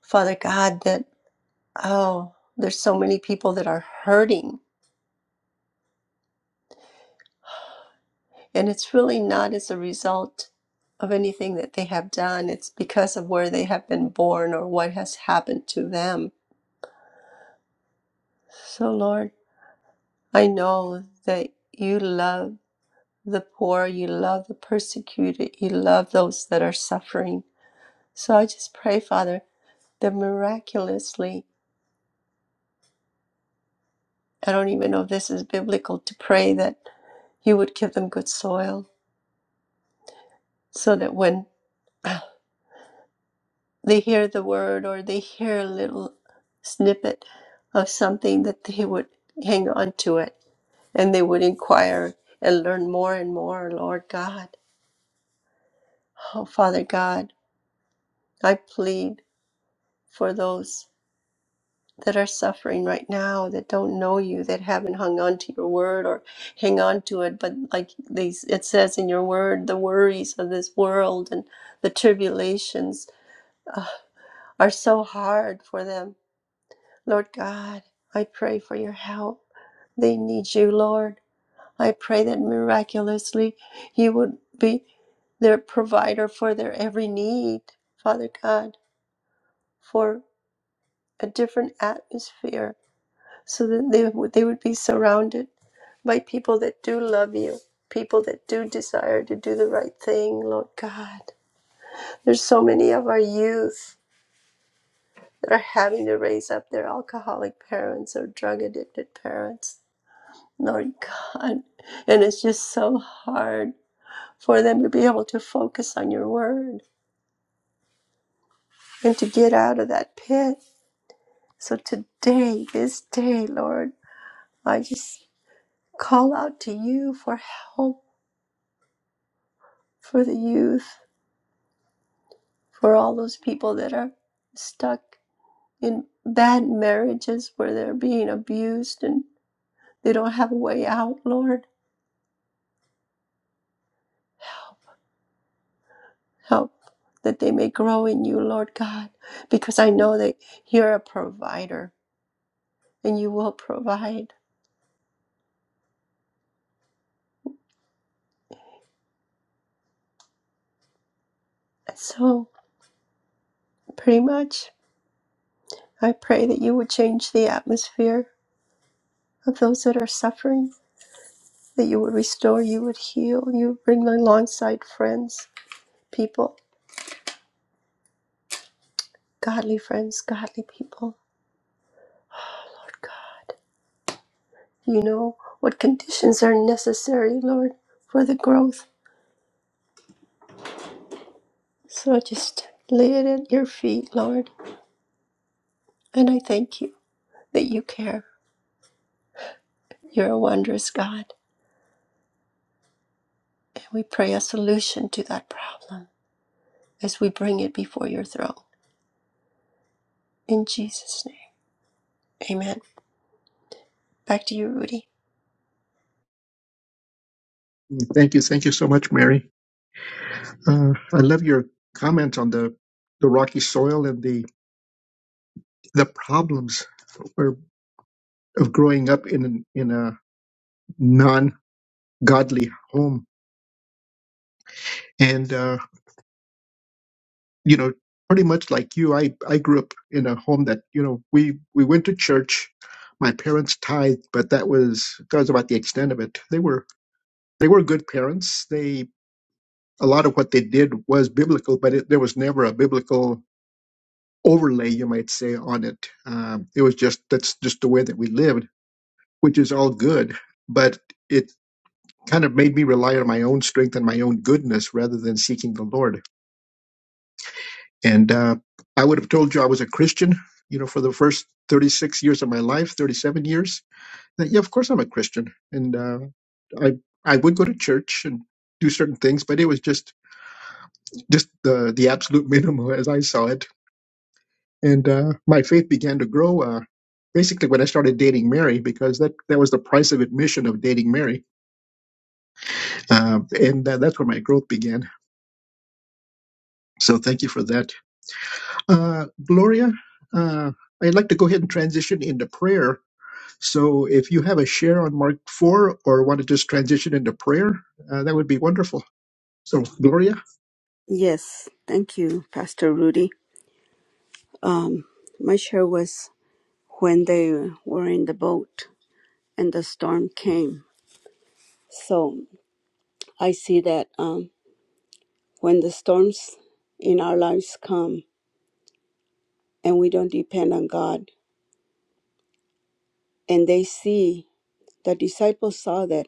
father god that oh there's so many people that are hurting and it's really not as a result of anything that they have done it's because of where they have been born or what has happened to them so lord i know that you love the poor you love the persecuted you love those that are suffering so i just pray father that miraculously I don't even know if this is biblical to pray that you would give them good soil so that when <sighs> they hear the word or they hear a little snippet of something that they would hang on to it and they would inquire and learn more and more lord god oh father god i plead for those that are suffering right now that don't know you that haven't hung on to your word or hang on to it but like these it says in your word the worries of this world and the tribulations uh, are so hard for them lord god i pray for your help they need you lord i pray that miraculously you would be their provider for their every need father god for a different atmosphere so that they, would- they would be surrounded by people that do love you, people that do desire to do the right thing, Lord God. There's so many of our youth that are having to raise up their alcoholic parents or drug addicted parents, Lord God. And it's just so hard for them to be able to focus on your word and to get out of that pit. So today, this day, Lord, I just call out to you for help for the youth, for all those people that are stuck in bad marriages where they're being abused and they don't have a way out, Lord. Help, help that they may grow in you, Lord God, because I know that you're a provider and you will provide. So, pretty much, I pray that you would change the atmosphere of those that are suffering, that you would restore, you would heal, you would bring alongside friends, people, godly friends, godly people, Lord God. You know what conditions are necessary, Lord, for the growth. So I just lay it at your feet, Lord. And I thank you that you care. You're a wondrous God. And we pray a solution to that problem as we bring it before your throne. In Jesus' name, amen. Back to you, Rudy. Thank you. Thank you so much, Mary. Uh, I love your comment on the, the rocky soil and the, the problems of of growing up in, an, in a non godly home. And, uh, you know, pretty much like you, I, I grew up in a home that, you know, we, we went to church. My parents tithed, but that was, that was about the extent of it. They were, they were good parents. They, a lot of what they did was biblical, but it, there was never a biblical overlay, you might say, on it. Um, it was just that's just the way that we lived, which is all good, but it kind of made me rely on my own strength and my own goodness rather than seeking the Lord. And uh, I would have told you I was a Christian, you know, for the first 36 years of my life, 37 years. That, yeah, of course I'm a Christian, and uh, I I would go to church and do certain things, but it was just just the the absolute <laughs> minimum as I saw it and uh, my faith began to grow uh, basically when I started dating Mary because that that was the price of admission of dating Mary, Um and uh, that's where my growth began. So thank you for that, uh, Gloria. Uh, I'd like to go ahead and transition into prayer. So if you have a share on Mark four or want to just transition into prayer, uh, that would be wonderful. So Gloria. Yes, thank you, Pastor Rudy. Um, my share was when they were in the boat and the storm came. So I see that. Um, when the storms in our lives come and we don't depend on God. And they see, the disciples saw that,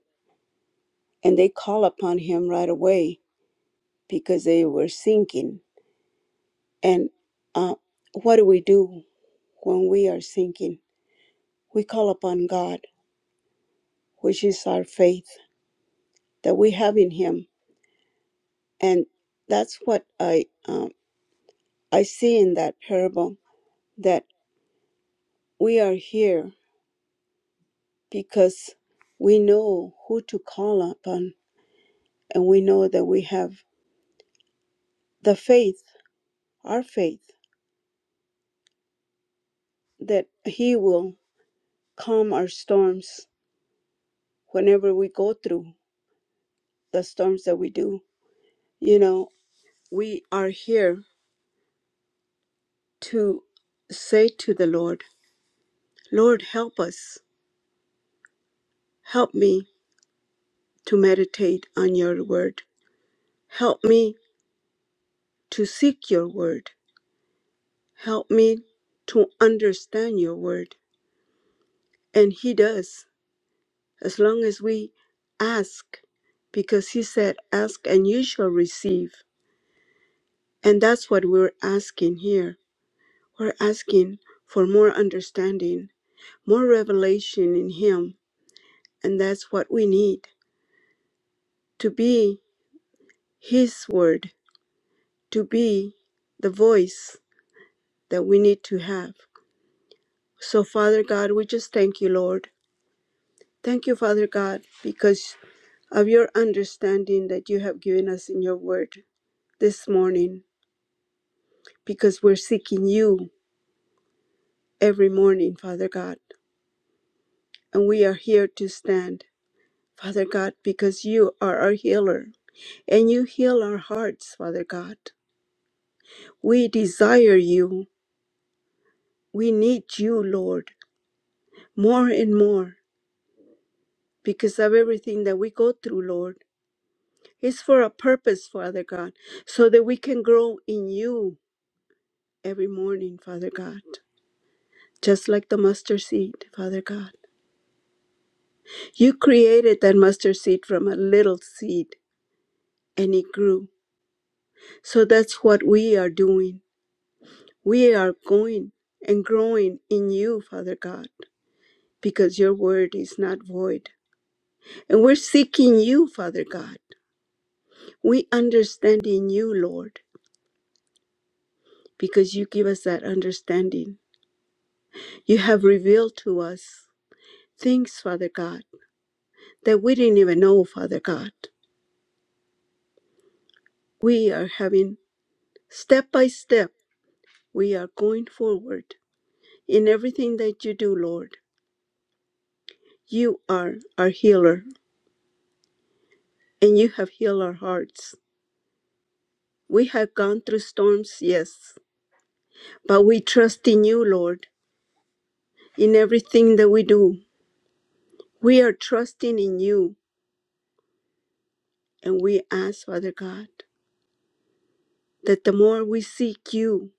and they call upon Him right away because they were sinking. And uh, what do we do when we are sinking? We call upon God, which is our faith that we have in Him. And that's what I um, I see in that parable that we are here because we know who to call upon and we know that we have the faith, our faith, that He will calm our storms whenever we go through the storms that we do. You know, we are here to say to the Lord, Lord, help us. Help me to meditate on your word. Help me to seek your word. Help me to understand your word. And He does. as long as we ask, because He said, Ask and you shall receive. And that's what we're asking here. We're asking for more understanding, more revelation in Him. And that's what we need to be His Word, to be the voice that we need to have. So, Father God, we just thank you, Lord. Thank you, Father God, because of your understanding that you have given us in your word this morning. because we're seeking you every morning, Father God. And we are here to stand, Father God, because you are our healer and you heal our hearts, Father God. We desire you. We need you, Lord, more and more because of everything that we go through, Lord. It's for a purpose, Father God, so that we can grow in you every morning, Father God, just like the mustard seed, Father God. You created that mustard seed from a little seed and it grew. So that's what we are doing. We are going and growing in you, Father God, because your word is not void. And we're seeking you, Father God. We understand in you, Lord, because you give us that understanding. You have revealed to us things, Father God, that we didn't even know, Father God. We are having step by step, we are going forward In everything that you do, Lord, you are our healer and you have healed our hearts. We have gone through storms, yes, but we trust in you, Lord, in everything that we do. We are trusting in you and we ask, Father God, that the more we seek you,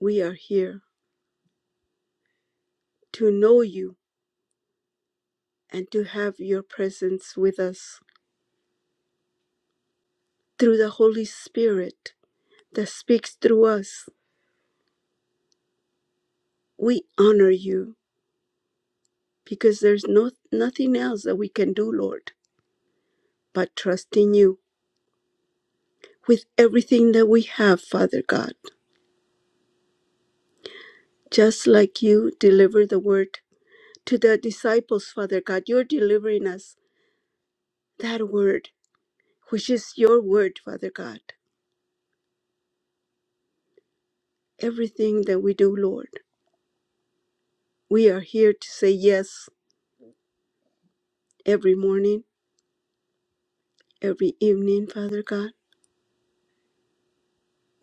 we are here to know you and to have your presence with us through the Holy Spirit that speaks through us. We honor you because there's no nothing else that we can do, Lord, but trust in you with everything that we have, Father God. Just like you deliver the word to the disciples, Father God, you're delivering us that word, which is your word, Father God. Everything that we do, Lord, we are here to say yes every morning, every evening, Father God.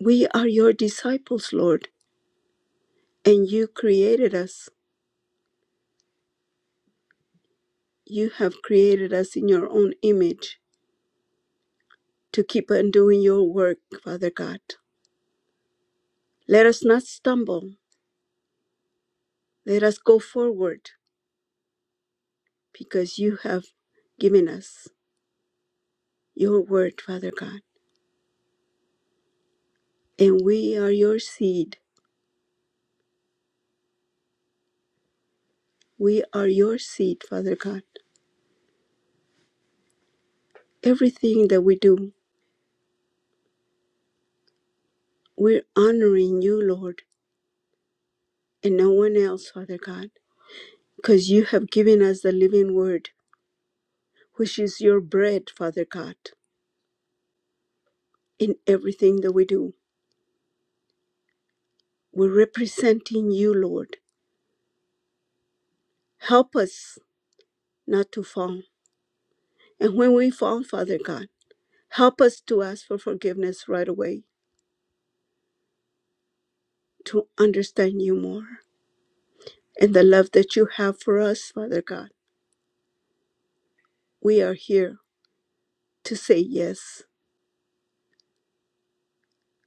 We are your disciples, Lord, and you created us. You have created us in your own image to keep on doing your work, Father God. Let us not stumble. Let us go forward because you have given us your word, Father God. And we are your seed. We are your seed, Father God. Everything that we do, we're honoring you, Lord, and no one else, Father God, because you have given us the living word, which is your bread, Father God. In everything that we do, we're representing you, Lord. Help us not to fall And when we fall, Father God, help us to ask for forgiveness right away, to understand you more and the love that you have for us, Father God. We are here to say yes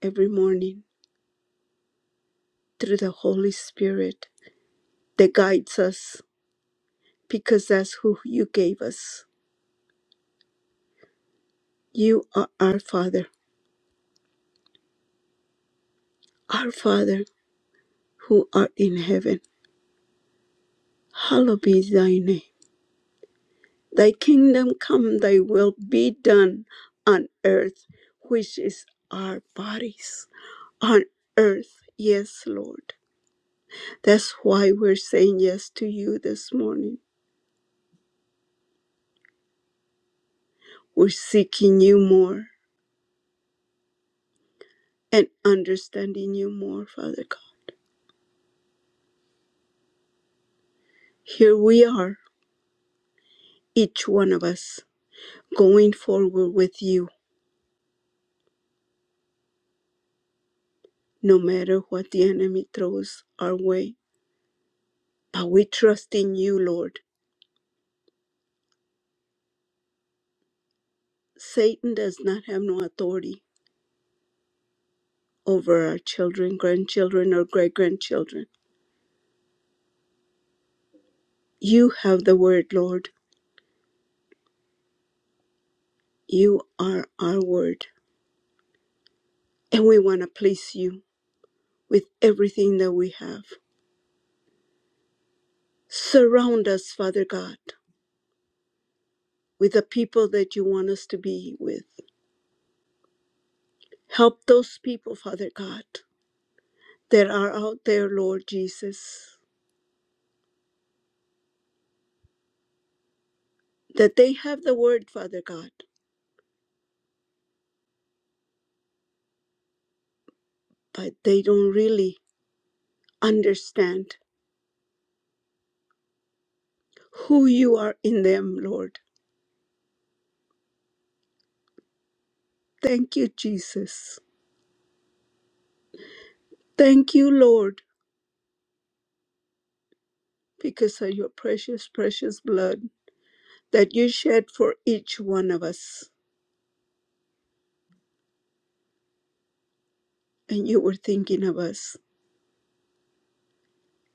every morning through the Holy Spirit that guides us because that's who you gave us. You are our Father, our Father who art in heaven. Hallowed be thy name. Thy kingdom come, thy will be done on earth, which is our bodies on earth. Yes, Lord. That's why we're saying yes to you this morning. We're seeking you more and understanding you more, Father God. Here we are, each one of us, going forward with you, no matter what the enemy throws our way. But we trust in you, Lord. Satan does not have no authority over our children, grandchildren, or great grandchildren. You have the word, Lord. You are our word. And we want to please you with everything that we have. Surround us, Father God, with the people that you want us to be with. Help those people, Father God, that are out there, Lord Jesus, that they have the word, Father God, but they don't really understand who you are in them, Lord. Thank you, Jesus Thank you, Lord, because of your precious, precious blood that you shed for each one of us. And you were thinking of us.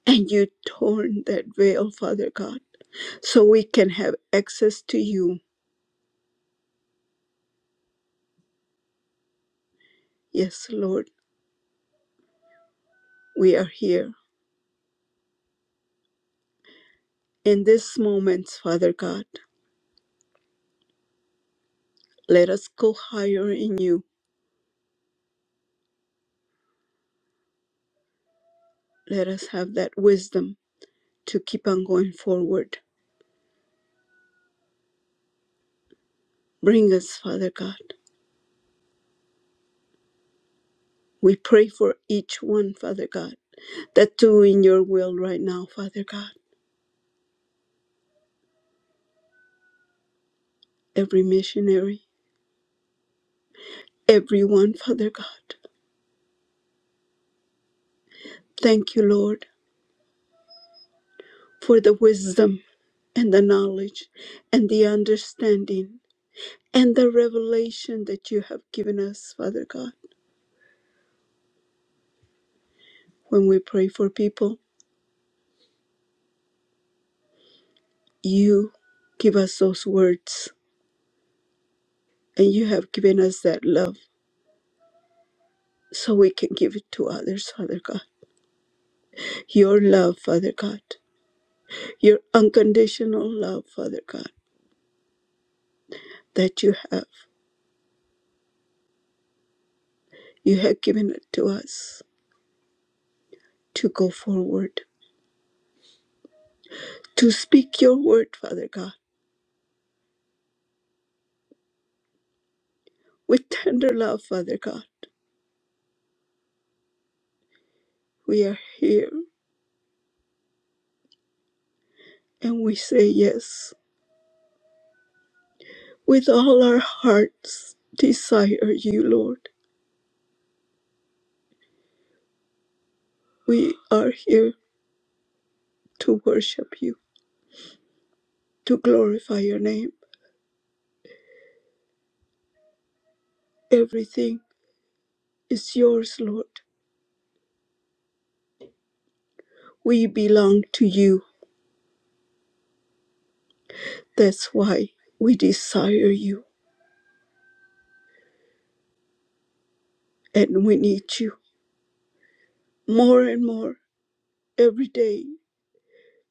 And you torn that veil, Father God, so we can have access to you. Yes, Lord, we are here. In this moment, Father God, let us go higher in you. Let us have that wisdom to keep on going forward. Bring us, Father God. We pray for each one, Father God, that do in your will right now, Father God every missionary, everyone, Father God. Thank you, Lord, for the wisdom and the knowledge and the understanding and the revelation that you have given us, Father God. When we pray for people, you give us those words and you have given us that love so we can give it to others, Father God. Your love, Father God. Your unconditional love, Father God, that you have. You have given it to us to go forward to speak your word, Father God. With tender love, Father God, we are here and we say yes. With all our hearts, desire you, Lord. We are here to worship you, to glorify your name. Everything is yours, Lord. We belong to you. That's why we desire you and we need you more and more every day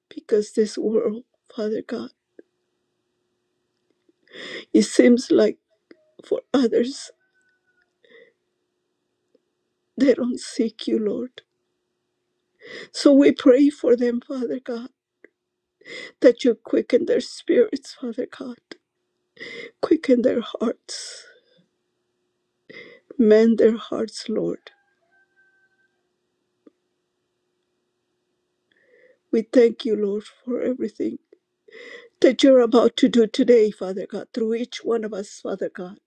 because this world, Father God, it seems like for others They don't seek you, Lord. So we pray for them, Father God, that you quicken their spirits, Father God, quicken their hearts, mend their hearts, Lord. We thank you, Lord, for everything that you're about to do today, Father God, through each one of us, Father God,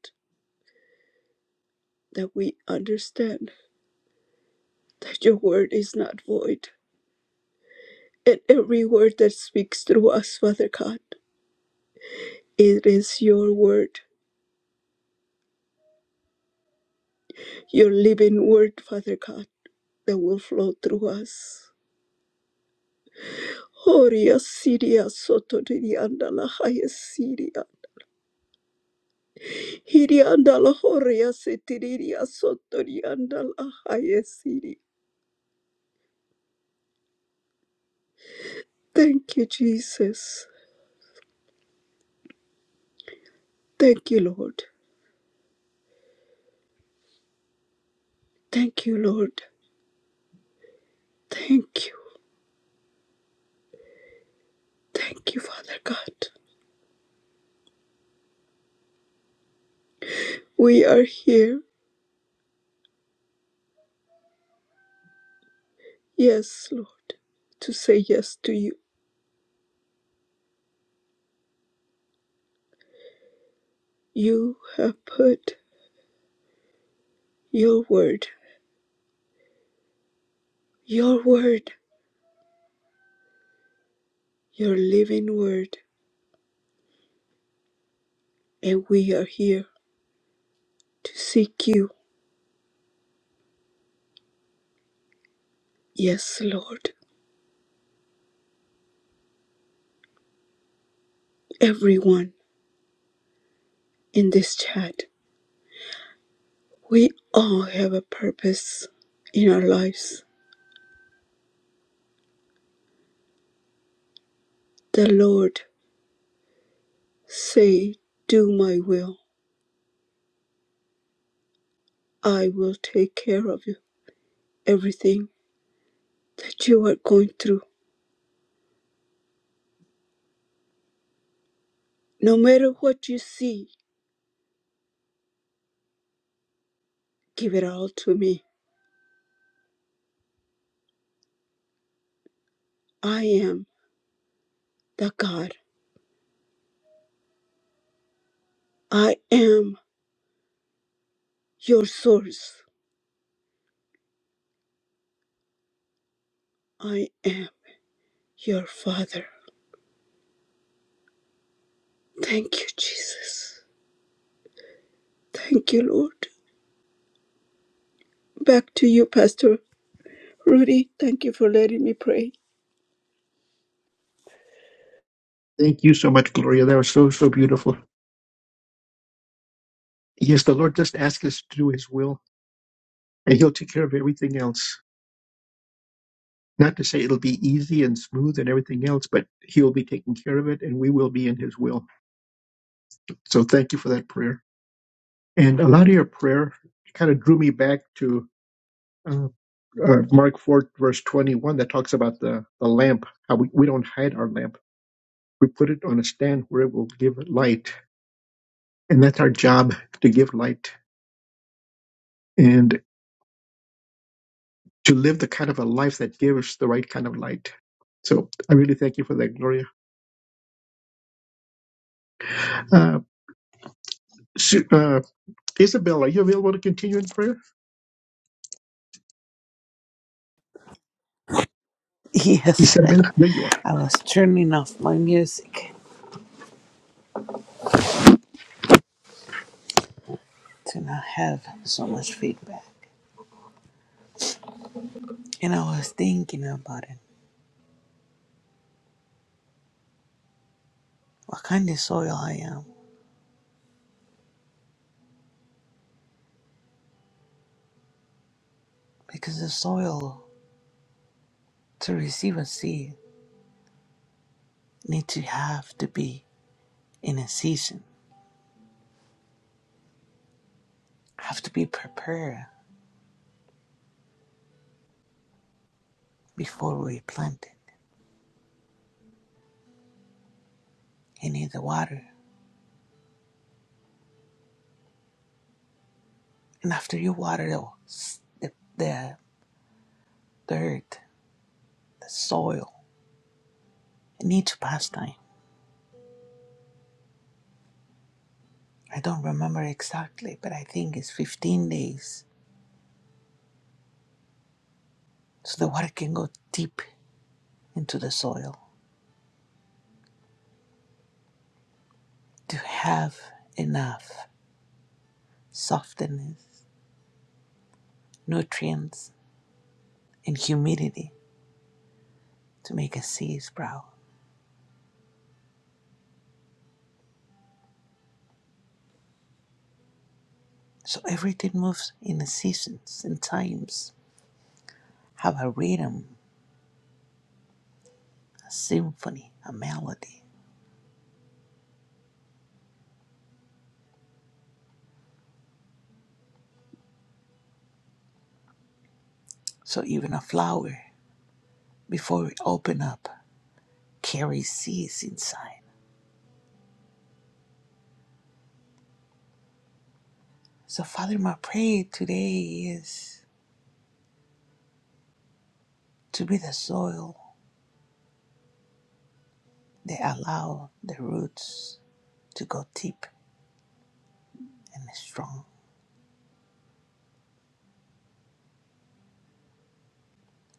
that we understand that your word is not void. And every word that speaks through us, Father God, it is your word, your living word, Father God, that will flow through us. Horia Siria Sotodiri Andala Haya Siria. Hiri Andala Horia Setiria Sotori Andala Haya Siria. Thank you, Jesus. Thank you, Lord. Thank you, Lord. Thank you. Thank you, Father God. We are here, yes, Lord, to say yes to you. You have put your word, your word, your living word, and we are here to seek you. Yes, Lord. everyone in this chat. We all have a purpose in our lives. The Lord say, "Do my will. I will take care of you. Everything that you are going through, no matter what you see, give it all to me. I am the God. I am your source. I am your Father." Thank you, Jesus. Thank you, Lord. Back to you, Pastor Rudy. Thank you for letting me pray. Thank you so much, Gloria. That was so, so beautiful. Yes, the Lord just asks us to do His will, and He'll take care of everything else. Not to say it'll be easy and smooth and everything else, but He'll be taking care of it and we will be in His will. So thank you for that prayer. And a lot of your prayer kind of drew me back to uh, uh, Mark 4, verse 21, that talks about the, the lamp, how we, we don't hide our lamp. We put it on a stand where it will give light. And that's our job to give light and to live the kind of a life that gives the right kind of light. So I really thank you for that, Gloria. Uh, Su- uh, Isabel, are you available to continue in prayer? Yes, Isabel, there you are. <laughs> I was turning off my music to not have so much feedback. And I was thinking about it, what kind of soil I am. Because the soil to receive a seed need to have to be in a season, have to be prepared. before we plant it. You need the water. And after you water the, the, the dirt, the soil, it needs past time. I don't remember exactly, but I think it's 15 days. So the water can go deep into the soil to have enough softness, nutrients, and humidity to make a seed sprout. So everything moves in the seasons and times, have a rhythm, a symphony, a melody. So even a flower, before we open up, carries seeds inside. So, Father, my prayer today is to be the soil that allow the roots to go deep and strong,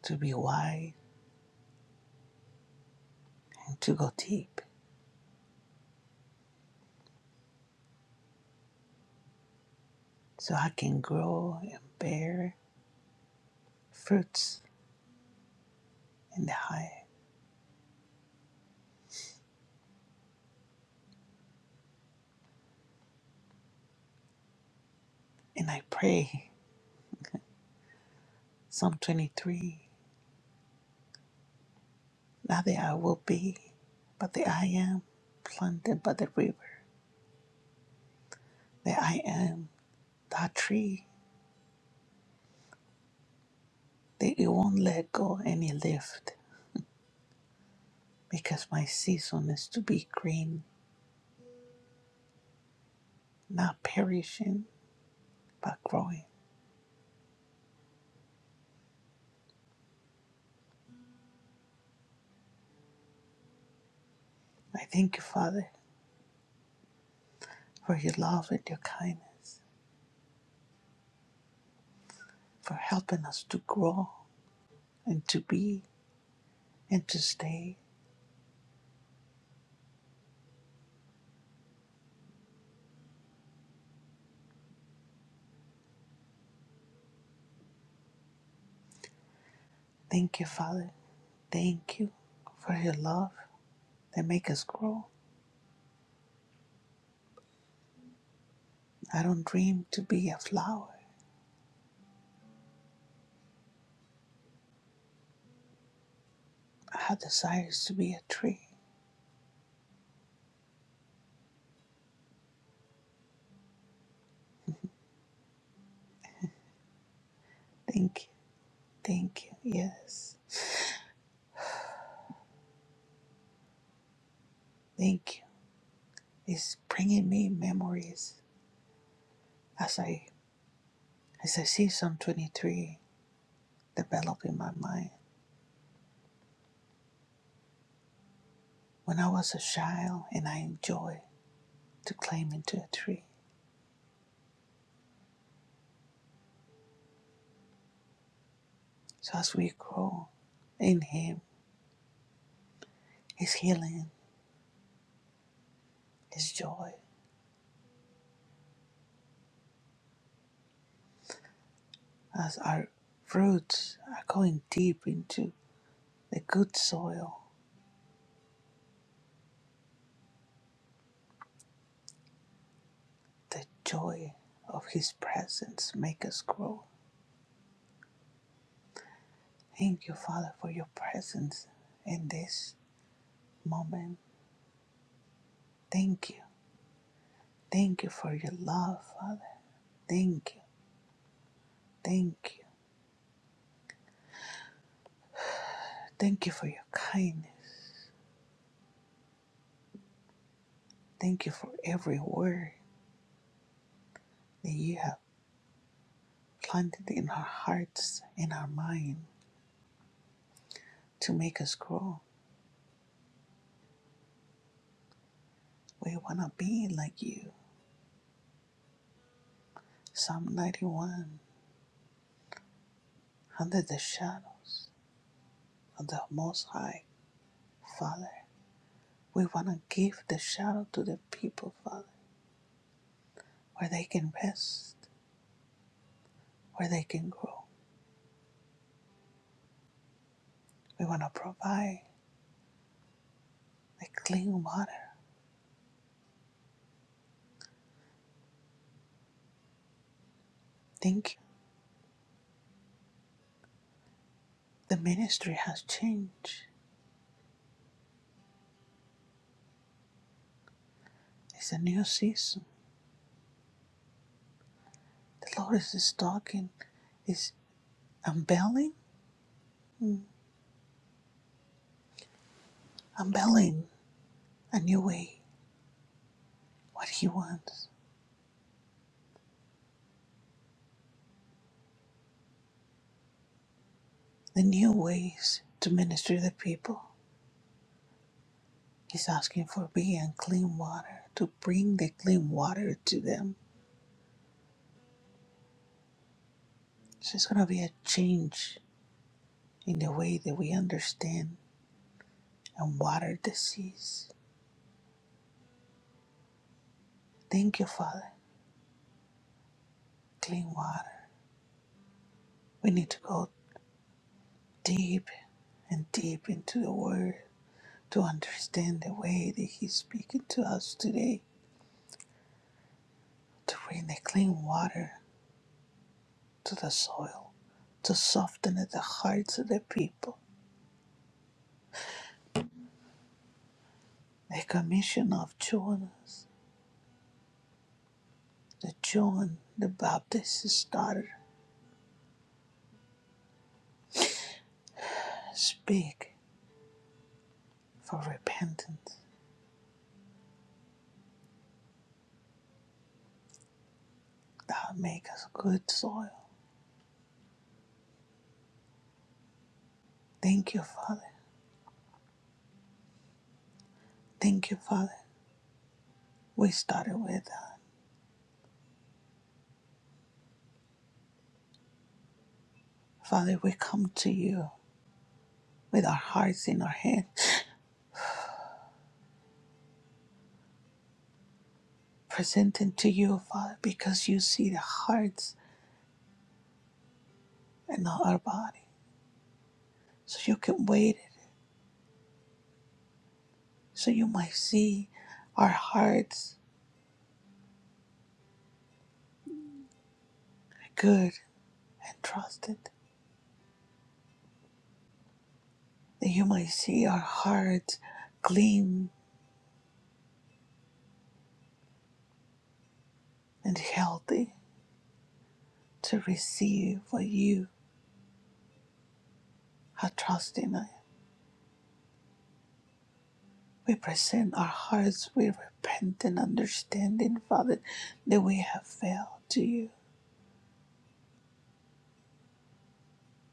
to be wide and to go deep, so I can grow and bear fruits in the high. And I pray, Psalm 23, not that I will be, but that I am planted by the river, that I am that tree that you won't let go any lift because my season is to be green, not perishing, but growing. I thank you, Father, for your love and your kindness, for helping us to grow and to be and to stay. Thank you, Father. Thank you for your love that makes us grow. I don't dream to be a flower. I have desires to be a tree. Thank you. Thank you. Yes. Thank you. It's bringing me memories as I As I see Psalm 23 develop in my mind, when I was a child and I enjoyed to climb into a tree. So as we grow in Him, His healing, His joy, as our roots are going deep into the good soil, the joy of His presence make us grow. Thank you, Father, for your presence in this moment. Thank you. Thank you for your love, Father. Thank you. Thank you. Thank you for your kindness. Thank you for every word that you have planted in our hearts and our mind to make us grow. We want to be like you. Psalm 91 Under the shadows of the Most High, Father. We want to give the shadow to the people, Father, where they can rest, where they can grow. We want to provide the clean water. Thank you. The ministry has changed. It's a new season. The Lord is talking. It's I'm belling. Mm. I'm belling a new way, what he wants, the new ways to minister to the people. He's asking for beer and clean water, to bring the clean water to them. So it's going to be a change in the way that we understand and water the seas. Thank you, Father. Clean water. We need to go deep and deep into the Word to understand the way that He's speaking to us today, to bring the clean water to the soil to soften the hearts of the people. The commission of Jonas, the John the Baptist's daughter, speak for repentance. Thou make us good soil. Thank you, Father. Thank you, Father. We started with that. Father, we come to you with our hearts in our hand, <sniffs> presenting to you, Father, because you see the hearts and not our body. So you can wait it, so you might see our hearts good and trusted, that you may see our hearts clean and healthy to receive what you are trusting us. We present our hearts with repentant understanding, Father, that we have failed to you,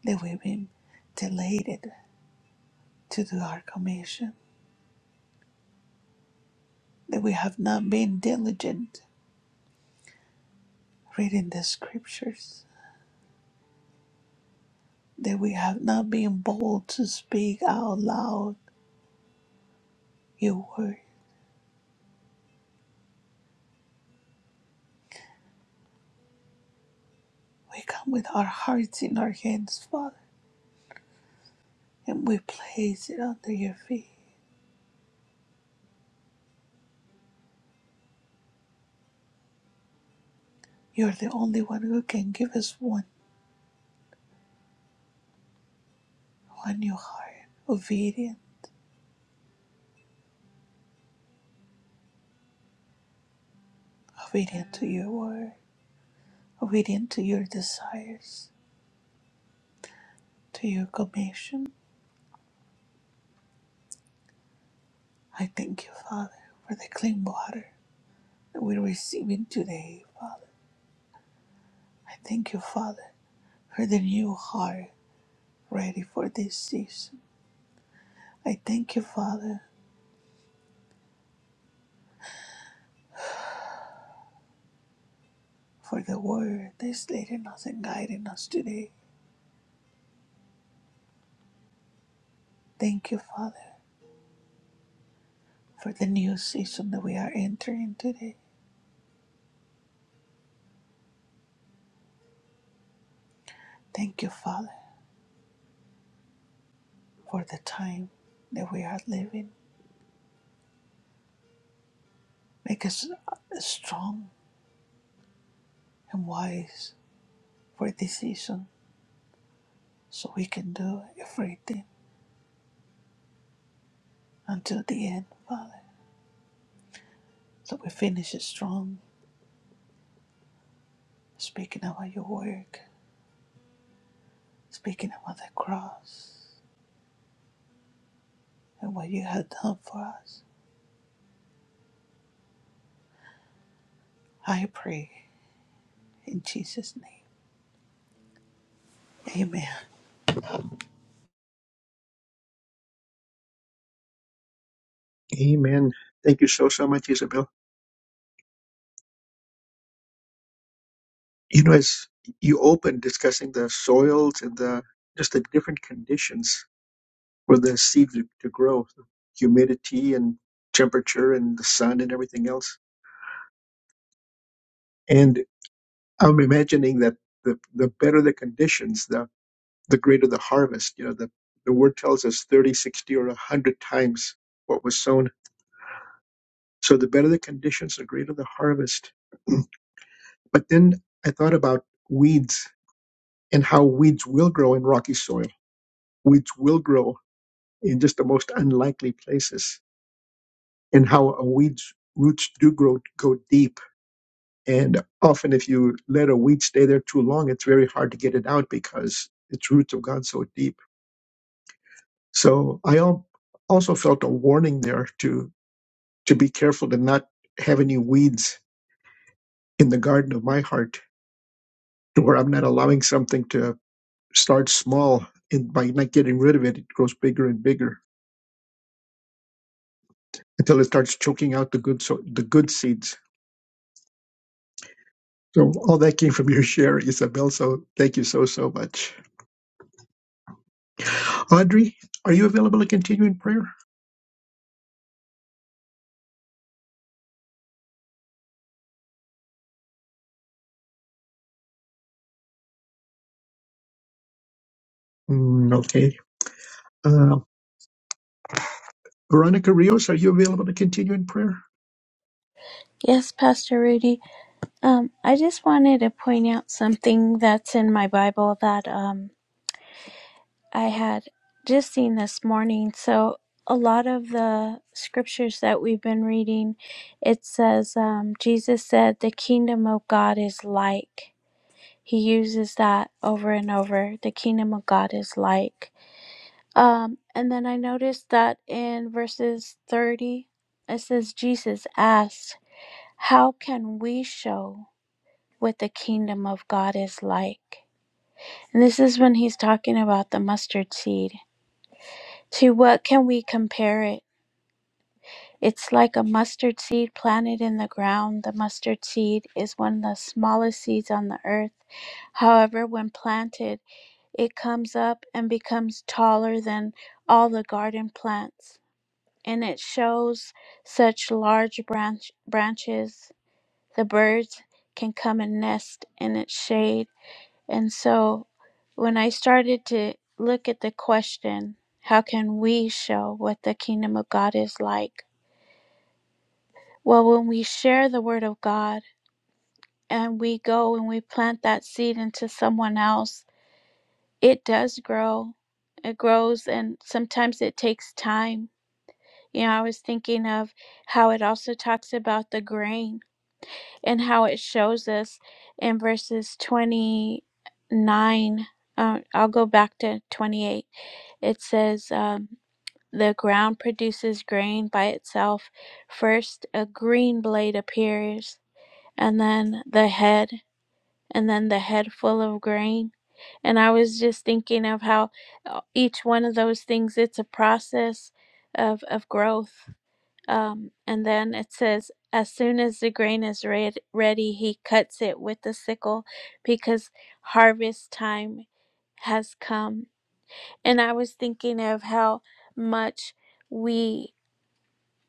that we've been delated to do our commission, that we have not been diligent reading the scriptures, that we have not been bold to speak out loud your word We come with our hearts in our hands, Father, and we place it under your feet. You're the only one who can give us one, one new heart, obedient, obedient to your word, obedient to your desires, to your commission. I thank you, Father, for the clean water that we're receiving today, Father. I thank you, Father, for the new heart ready for this season. I thank you, Father, for the word that's leading us and guiding us today. Thank you, Father, for the new season that we are entering today. Thank you, Father, for the time that we are living. Make us uh, strong and wise for this season so we can do everything until the end, Father. So we finish strong, speaking about your work, speaking about the cross and what you have done for us. I pray in Jesus' name. Amen. Amen. Thank you so, so much, Isabel. You know, as you opened discussing the soils and the just the different conditions for the seed to, to grow, humidity and temperature and the sun and everything else. And I'm imagining that the, the better the conditions, the, the greater the harvest. You know, the, the word tells us thirty, sixty, 60, or 100 times what was sown. So the better the conditions, the greater the harvest. <clears throat> But then I thought about weeds and how weeds will grow in rocky soil. Weeds will grow in just the most unlikely places, and how a weed's roots do grow go deep. And often, if you let a weed stay there too long, it's very hard to get it out because its roots have gone so deep. So I al- also felt a warning there to to be careful to not have any weeds in the garden of my heart, to where I'm not allowing something to start small, and by not getting rid of it, it grows bigger and bigger until it starts choking out the good so the good seeds. So all that came from your share, Isabel. So thank you so so much. Audrey, are you available to continue in prayer? Mm, okay. Uh, Veronica Rios, are you available to continue in prayer? Yes, Pastor Rudy. Um, I just wanted to point out something that's in my Bible that um, I had just seen this morning. So, a lot of the scriptures that we've been reading, it says, um, Jesus said, The kingdom of God is like. He uses that over and over. The kingdom of God is like. Um, and then I noticed that in verses 30, it says, Jesus asked, How can we show? what the kingdom of God is like. And this is when he's talking about the mustard seed. To what can we compare it? It's like a mustard seed planted in the ground. The mustard seed is one of the smallest seeds on the earth. However, when planted, it comes up and becomes taller than all the garden plants, and it shows such large branch- branches. The birds can come and nest in its shade. And so when I started to look at the question, how can we show what the kingdom of God is like? Well, when we share the word of God and we go and we plant that seed into someone else, it does grow. It grows, and sometimes it takes time. You know, I was thinking of how it also talks about the grain and how it shows us in verses 29. Uh, I'll go back to 28 It says um, the ground produces grain by itself. First, a green blade appears, and then the head, and then the head full of grain. And I was just thinking of how uh, each one of those things, it's a process of, of growth. Um, and then it says, as soon as the grain is red, ready, he cuts it with the sickle because harvest time has come and I was thinking of how much we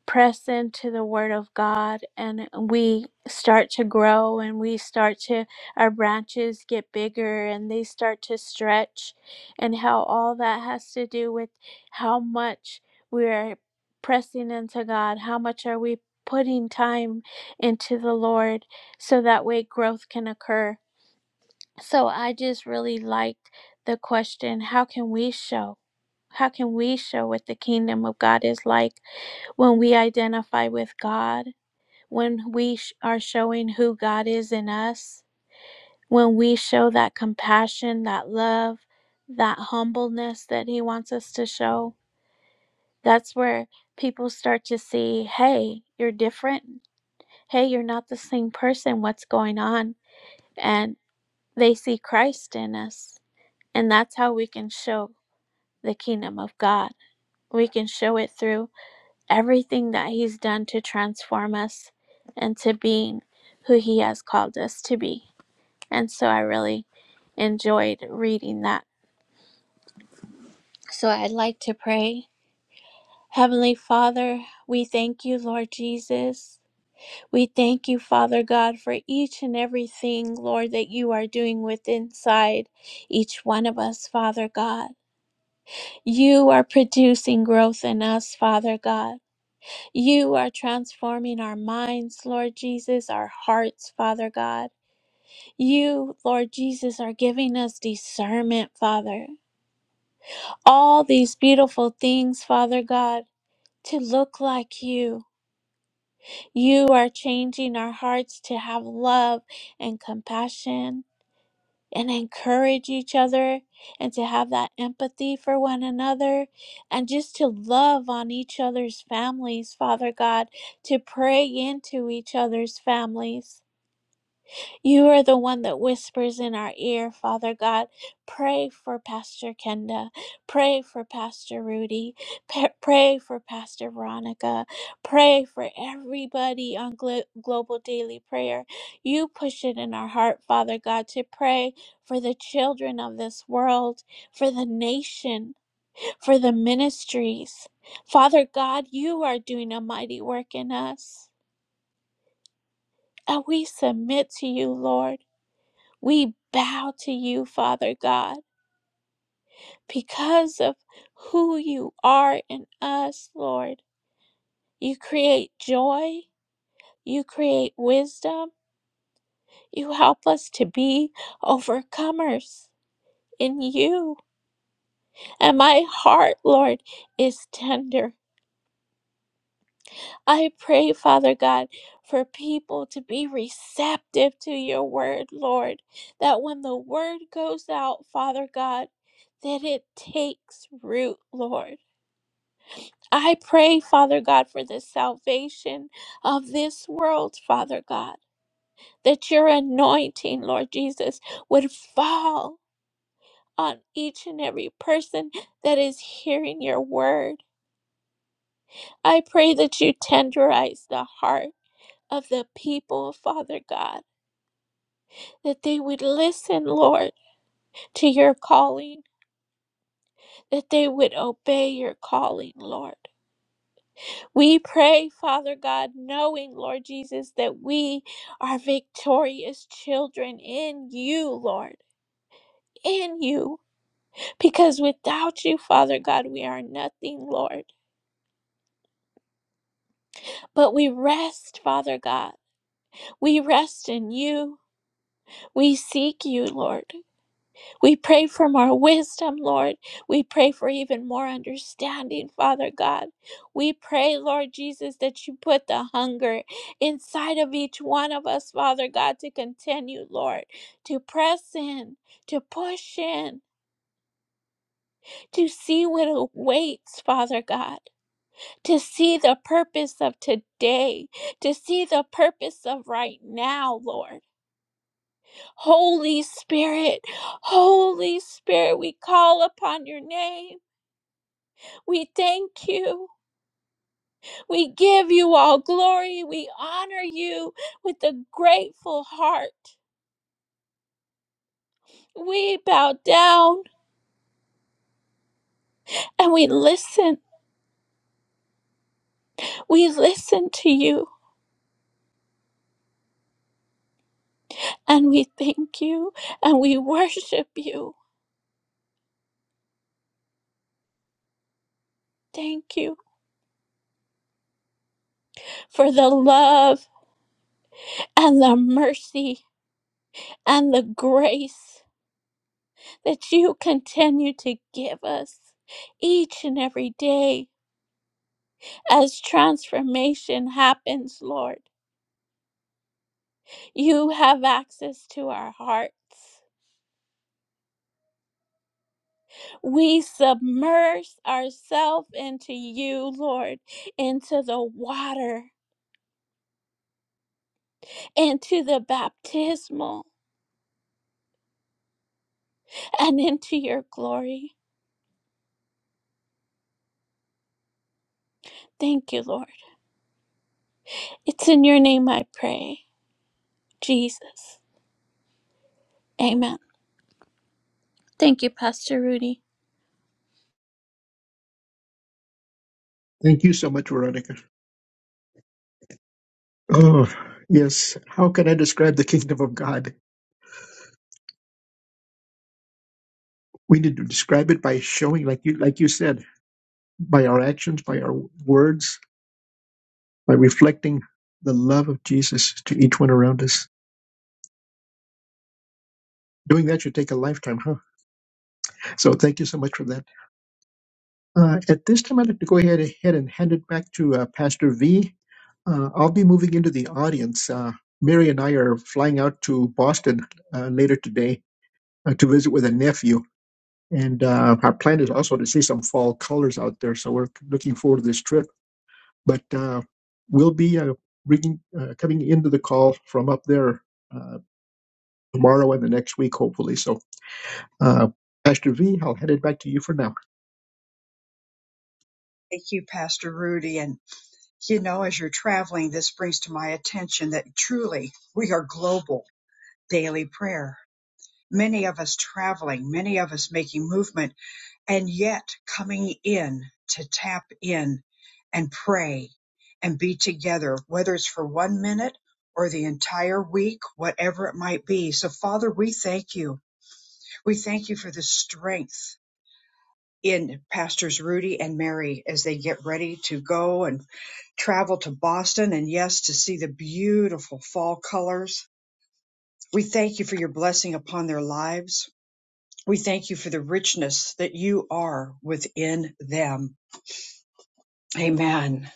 press into the Word of God and we start to grow and we start to, our branches get bigger and they start to stretch, and how all that has to do with how much we're pressing into God, how much are we putting time into the Lord so that way growth can occur. So I just really liked the question how can we show? How can we show what the kingdom of God is like when we identify with God, when we sh- are showing who God is in us, when we show that compassion, that love, that humbleness that He wants us to show? That's where people start to see, hey, you're different. Hey, you're not the same person. What's going on? And they see Christ in us. And that's how we can show the kingdom of God. We can show it through everything that He's done to transform us into being who He has called us to be. And so I really enjoyed reading that. So I'd like to pray. Heavenly Father, we thank you, Lord Jesus. We thank you, Father God, for each and everything, Lord, that you are doing with inside each one of us, Father God. You are producing growth in us, Father God. You are transforming our minds, Lord Jesus, our hearts, Father God. You, Lord Jesus, are giving us discernment, Father. All these beautiful things, Father God, to look like you. You are changing our hearts to have love and compassion and encourage each other and to have that empathy for one another and just to love on each other's families, Father God, to pray into each other's families. You are the one that whispers in our ear, Father God. Pray for Pastor Kenda. Pray for Pastor Rudy. Pa- pray for Pastor Veronica. Pray for everybody on Glo- Global Daily Prayer. You push it in our heart, Father God, to pray for the children of this world, for the nation, for the ministries. Father God, you are doing a mighty work in us. And we submit to you, Lord. We bow to you, Father God, because of who you are in us, Lord. You create joy, you create wisdom, you help us to be overcomers in you. And my heart, Lord, is tender. I pray, Father God, for people to be receptive to your word, Lord, that when the word goes out, Father God, that it takes root, Lord I pray, Father God, for the salvation of this world, Father God, that your anointing, Lord Jesus, would fall on each and every person that is hearing your word. I pray that you tenderize the heart of the people, Father God, that they would listen, Lord, to your calling, that they would obey your calling, Lord. We pray, Father God, knowing, Lord Jesus, that we are victorious children in you, Lord, in you. Because without you, Father God, we are nothing, Lord. But we rest, Father God. We rest in you. We seek you, Lord. We pray for more wisdom, Lord. We pray for even more understanding, Father God. We pray, Lord Jesus, that you put the hunger inside of each one of us, Father God, to continue, Lord, to press in, to push in, to see what awaits, Father God, to see the purpose of today, to see the purpose of right now, Lord. Holy Spirit, Holy Spirit, we call upon your name. We thank you. We give you all glory. We honor you with a grateful heart. We bow down and we listen. We listen to you and we thank you and we worship you. Thank you for the love and the mercy and the grace that you continue to give us each and every day as transformation happens, Lord. You have access to our hearts. We submerge ourselves into you, Lord, into the water, into the baptismal, and into your glory. Thank you, Lord. It's in your name I pray, Jesus. Amen. Thank you, Pastor Rudy. Thank you so much, Veronica. Oh yes. How can I describe the kingdom of God? We need to describe it by showing, like you like you said, by our actions, by our words, by reflecting the love of Jesus to each one around us. Doing that should take a lifetime, huh? So thank you so much for that. Uh, at this time, I'd like to go ahead, ahead and hand it back to uh, Pastor V. Uh, I'll be moving into the audience. Uh, Mary and I are flying out to Boston uh, later today uh, to visit with a nephew. And uh, our plan is also to see some fall colors out there. So we're looking forward to this trip. But uh, we'll be uh, bringing, uh, coming into the call from up there uh, tomorrow and the next week, hopefully. So, uh, Pastor V, I'll hand it back to you for now. Thank you, Pastor Rudy. And, you know, as you're traveling, this brings to my attention that truly we are global daily prayer. Many of us traveling, many of us making movement, and yet coming in to tap in and pray and be together, whether it's for one minute or the entire week, whatever it might be. So, Father, we thank you. We thank you for the strength in Pastors Rudy and Mary as they get ready to go and travel to Boston and yes, to see the beautiful fall colors. We thank you for your blessing upon their lives. We thank you for the richness that you are within them. Amen.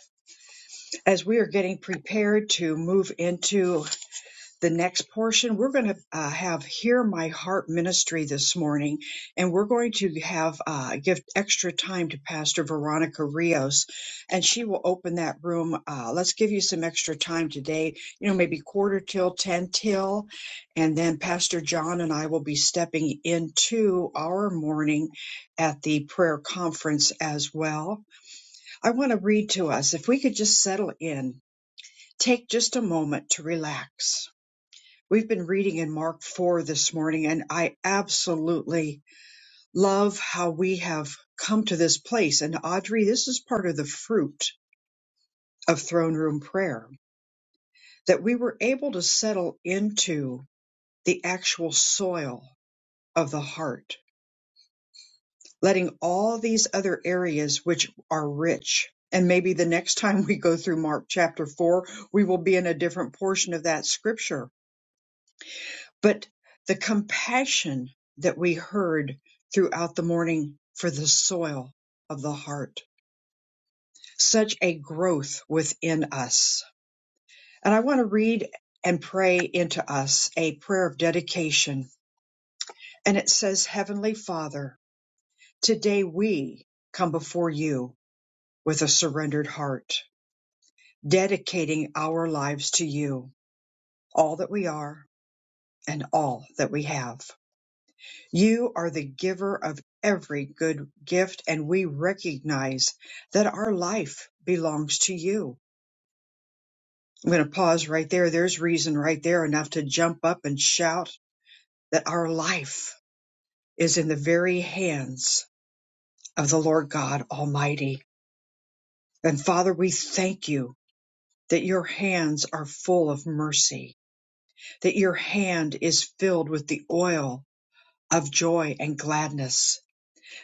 As we are getting prepared to move into the next portion, we're going to uh, have Hear My Heart Ministry this morning, and we're going to have uh, give extra time to Pastor Veronica Rios, and she will open that room. Uh, let's give you some extra time today, you know, maybe quarter till, 10 till, and then Pastor John and I will be stepping into our morning at the prayer conference as well. I want to read to us, if we could just settle in, take just a moment to relax We've been reading in Mark 4 this morning, and I absolutely love how we have come to this place. And Audrey, this is part of the fruit of throne room prayer that we were able to settle into the actual soil of the heart, letting all these other areas which are rich. And maybe the next <laughs> time we go through Mark chapter 4, we will be in a different portion of that scripture but the compassion that we heard throughout the morning for the soil of the heart, such a growth within us. And I want to read and pray into us a prayer of dedication. And it says, Heavenly Father, today we come before you with a surrendered heart, dedicating our lives to you, all that we are and all that we have. You are the giver of every good gift, and we recognize that our life belongs to you. I'm going to pause right there. There's reason right there enough to jump up and shout that our life is in the very hands of the Lord God Almighty. And Father, we thank you that your hands are full of mercy, that your hand is filled with the oil of joy and gladness,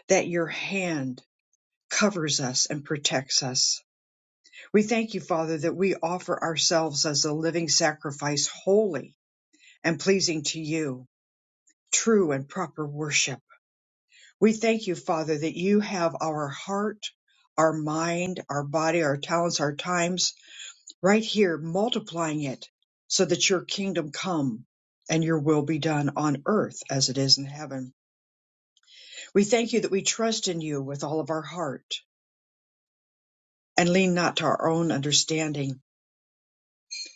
that your hand covers us and protects us. We thank you, Father, that we offer ourselves as a living sacrifice, holy and pleasing to you, true and proper worship. We thank you, Father, that you have our heart, our mind, our body, our talents, our times right here, multiplying it so that your kingdom come and your will be done on earth as it is in heaven. We thank you that we trust in you with all of our heart and lean not to our own understanding.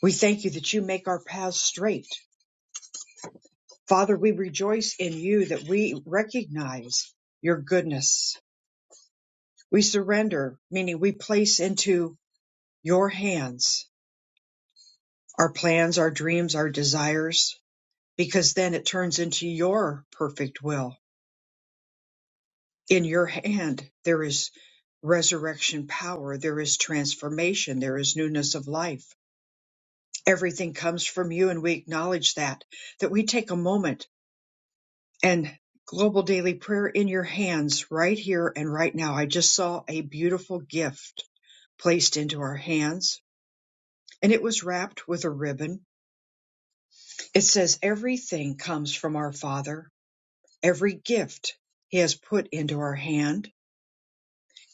We thank you that you make our paths straight Father, we rejoice in you that we recognize your goodness. We surrender, meaning we place into your hands our plans, our dreams, our desires, because then it turns into your perfect will. In your hand, there is resurrection power, there is transformation, there is newness of life. Everything comes from you, and we acknowledge that. That we take a moment and global daily prayer in your hands right here and right now. I just saw a beautiful gift placed into our hands and it was wrapped with a ribbon. It says, Everything comes from our Father, every gift He has put into our hand.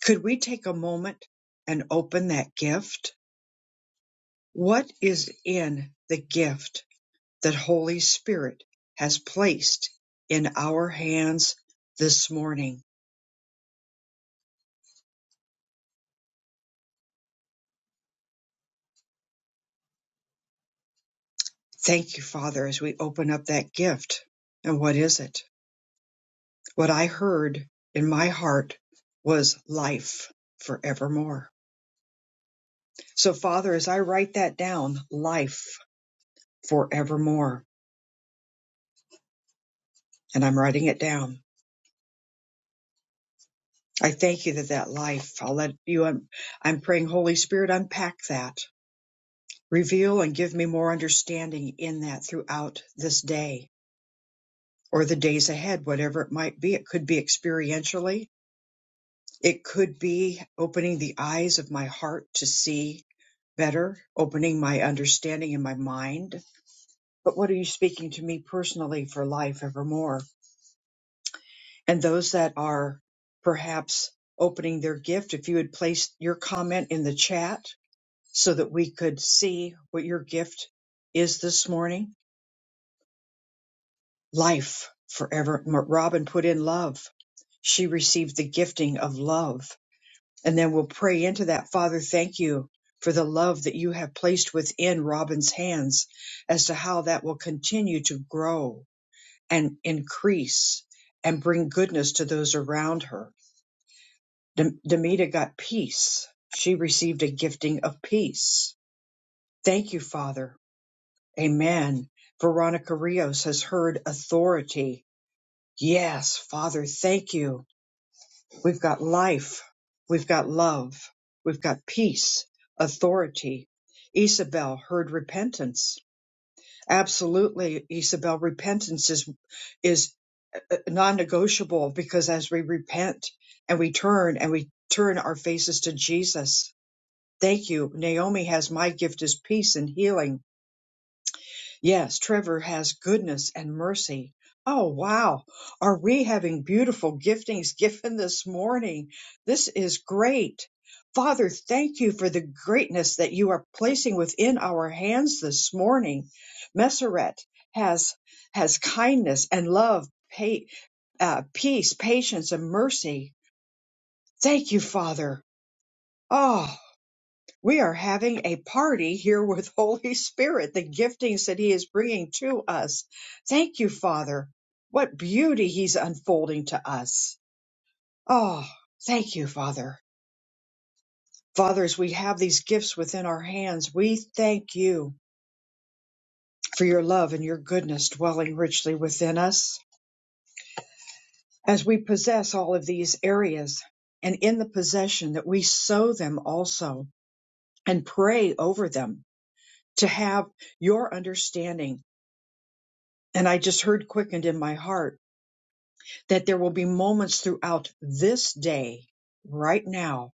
Could we take a moment and open that gift? What is in the gift that Holy Spirit has placed in our hands this morning? Thank you, Father, as we open up that gift. And what is it? What I heard in my heart was life forevermore. So, Father, as I write that down, life forevermore, and I'm writing it down. I thank you that that life, I'll let you, I'm, I'm praying, Holy Spirit, unpack that. Reveal and give me more understanding in that throughout this day or the days ahead, whatever it might be. It could be experientially, It could be opening the eyes of my heart to see better, opening my understanding in my mind. But what are you speaking to me personally for life evermore? And those that are perhaps opening their gift, if you would place your comment in the chat so that we could see what your gift is this morning. Life forever. M- Robin put in love. She received the gifting of love And then we'll pray into that. Father, thank you for the love that you have placed within Robin's hands as to how that will continue to grow and increase and bring goodness to those around her. Dem- Demita got peace. She received a gifting of peace. Thank you, Father. Amen. Veronica Rios has heard authority. Yes, Father, thank you We've got life. We've got love. We've got peace, authority. Isabel heard repentance. Absolutely, Isabel, repentance is, is uh, non-negotiable because as we repent and we turn and we turn our faces to Jesus. Thank you. Naomi has my gift is peace and healing Yes, Trevor has goodness and mercy. Oh, wow. Are we having beautiful giftings given this morning? This is great. Father, thank you for the greatness that you are placing within our hands this morning. Messeret has, has kindness and love, pa- uh, peace, patience, and mercy. Thank you, Father. Ah, we are having a party here with <laughs> Holy Spirit, the giftings that He is bringing to us. Thank you, Father. What beauty He's unfolding to us. Oh, thank you, Father. Fathers, we have these gifts within our hands. We thank you for your love and your goodness dwelling richly within us as we possess all of these areas and in the possession that we sow them also and pray over them to have your understanding And I just heard quickened in my heart that there will be moments throughout this day, right now,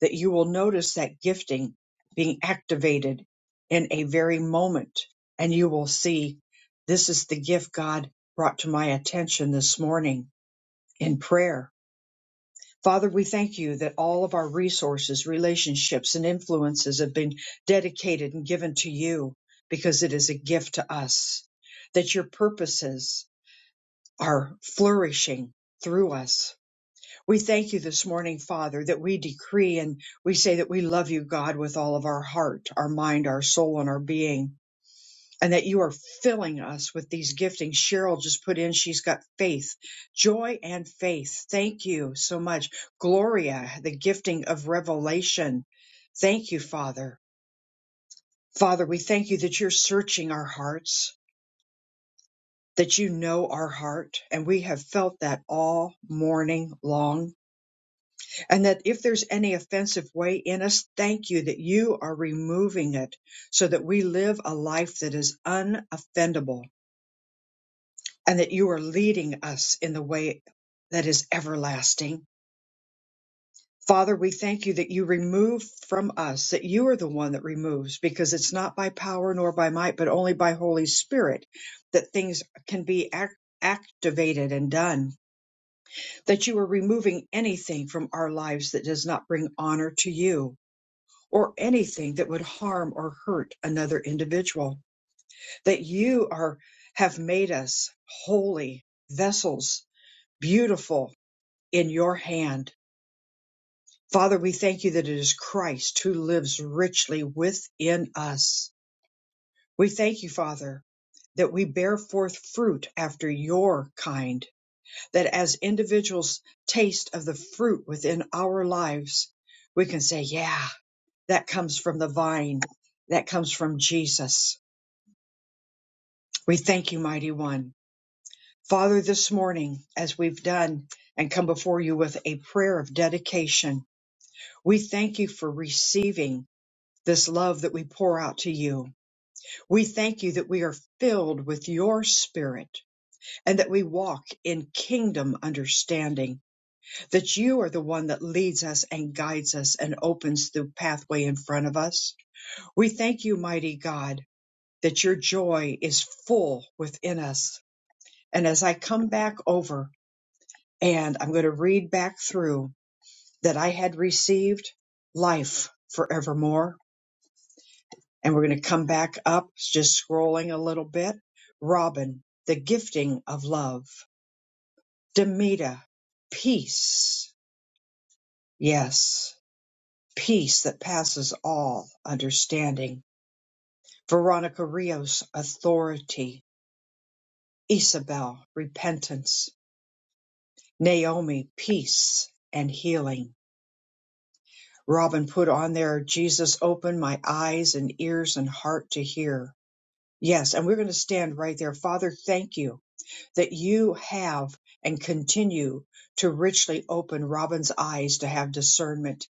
that you will notice that gifting being activated in a very moment. And you will see this is the gift God brought to my attention this morning in prayer. Father, we thank you that all of our resources, relationships, and influences have been dedicated and given to you because it is a gift to us. That your purposes are flourishing through us. We thank you this morning, Father, that we decree and we say that we love you, God, with all of our heart, our mind, our soul, and our being, and that you are filling us with these giftings. Cheryl just put in, she's got faith, joy, and faith. Thank you so much. Gloria, the gifting of revelation. Thank you, Father. Father, we thank you that you're searching our hearts, that you know our heart, and we have felt that all morning long And that if there's any offensive way in us, thank you that you are removing it so that we live a life that is unoffendable and that you are leading us in the way that is everlasting. Father, we thank you that you remove from us, that you are the one that removes, because it's not by power nor by might, but only by Holy Spirit that things can be ac- activated and done, that you are removing anything from our lives that does not bring honor to you or anything that would harm or hurt another individual. That you are, have made us holy vessels, beautiful in your hand. Father, we thank you that it is Christ who lives richly within us. We thank you, Father, that we bear forth fruit after your kind, that as individuals taste of the fruit within our lives, we can say, yeah, that comes from the vine. That comes from Jesus. We thank you, mighty one. Father, this morning, as we've done and come before you with a prayer of dedication, we thank you for receiving this love that we pour out to you. We thank you that we are filled with your spirit and that we walk in kingdom understanding, that you are the one that leads us and guides us and opens the pathway in front of us. We thank you, mighty God, that your joy is full within us. And as I come back over And I'm going to read back through that I had received life forevermore. And we're going to come back up, just scrolling a little bit. Robin, the gifting of love. Demita, peace. Yes, peace that passes all understanding. Veronica Rios, authority. Isabel, repentance. Naomi, peace and healing. Robin put on there, Jesus, open my eyes and ears and heart to hear. Yes, and we're going to stand right there. Father, thank you that you have and continue to richly open Robin's eyes to have discernment,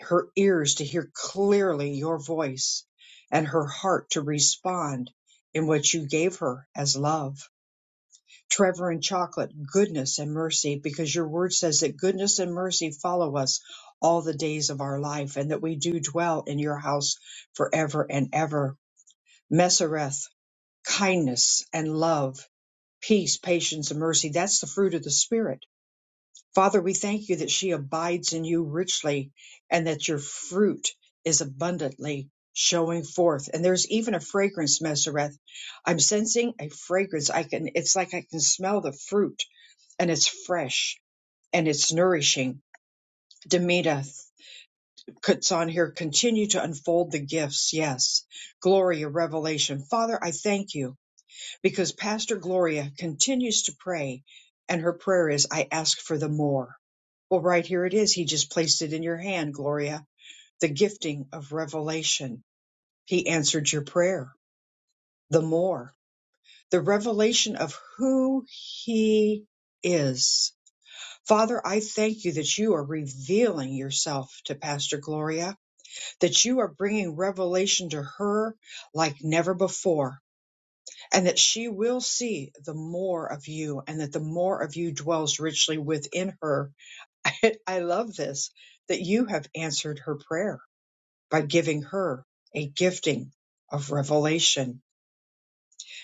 her ears to hear clearly your voice, and her heart to respond in what you gave her as love. Trevor and Chocolate, goodness and mercy, because your word says that goodness and mercy follow us all the days of our life and that we do dwell in your house forever and ever. Mesereth, kindness and love, peace, patience, and mercy. That's the fruit of the Spirit. Father, we thank you that she abides in you richly and that your fruit is abundantly showing forth. And there's even a fragrance, Mesereth. I'm sensing a fragrance. I can, it's like I can smell the fruit and it's fresh and it's nourishing. Demita puts on here, continue to unfold the gifts. Yes. Gloria, revelation. Father, I thank you because Pastor Gloria continues to pray and her prayer is, I ask for the more. Well, right here it is. He just placed it in your hand, Gloria. The gifting of revelation. He answered your prayer. The more. The revelation of who he is Father, I thank you that you are revealing yourself to Pastor Gloria, that you are bringing revelation to her like never before, and that she will see the more of you, and that the more of you dwells richly within her. <laughs> I I love this, that you have answered her prayer by giving her a gifting of revelation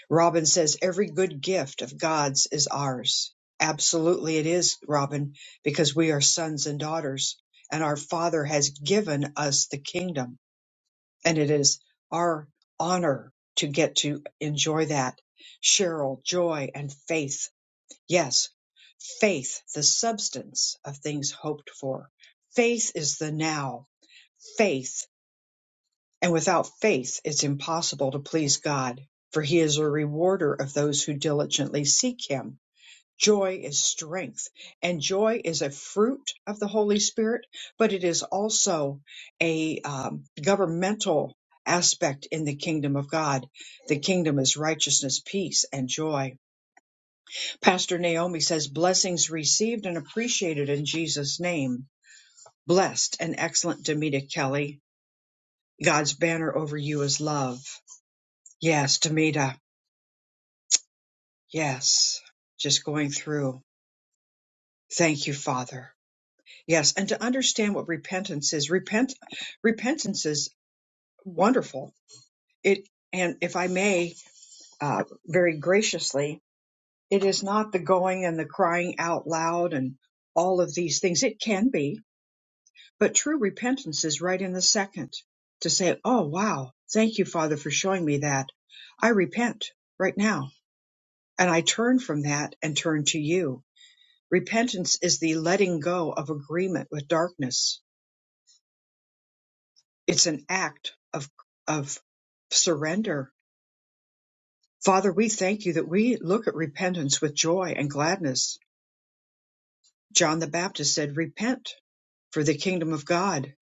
Robin says every good gift of God's is ours. Absolutely it is, Robin, because we are sons and daughters and our Father has given us the kingdom and it is our honor to get to enjoy that. Cheryl, joy and faith. Yes, faith, the substance of things hoped for. Faith is the now. Faith. And without faith it's impossible to please God, for he is a rewarder of those who diligently seek him. Joy is strength, and joy is a fruit of the Holy Spirit, but it is also a um, governmental aspect in the kingdom of God. The kingdom is righteousness, peace, and joy. Pastor Naomi says, Blessings received and appreciated in Jesus' name. Blessed and excellent Demita Kelly. God's banner over you is love. Yes, Demita. Yes. Just going through. Thank you, Father. Yes, and to understand what repentance is. Repent repentance is wonderful. It and if I may, uh, very graciously, it is not the going and the crying out loud and all of these things. It can be, but true repentance is right in the second to say, "Oh wow, thank you, Father, for showing me that. I repent right now, and I turn from that and turn to you." Repentance is the letting go of agreement with darkness. It's an act of, of surrender. Father, we thank you that we look at repentance with joy and gladness. John the Baptist said, Repent, for the kingdom of God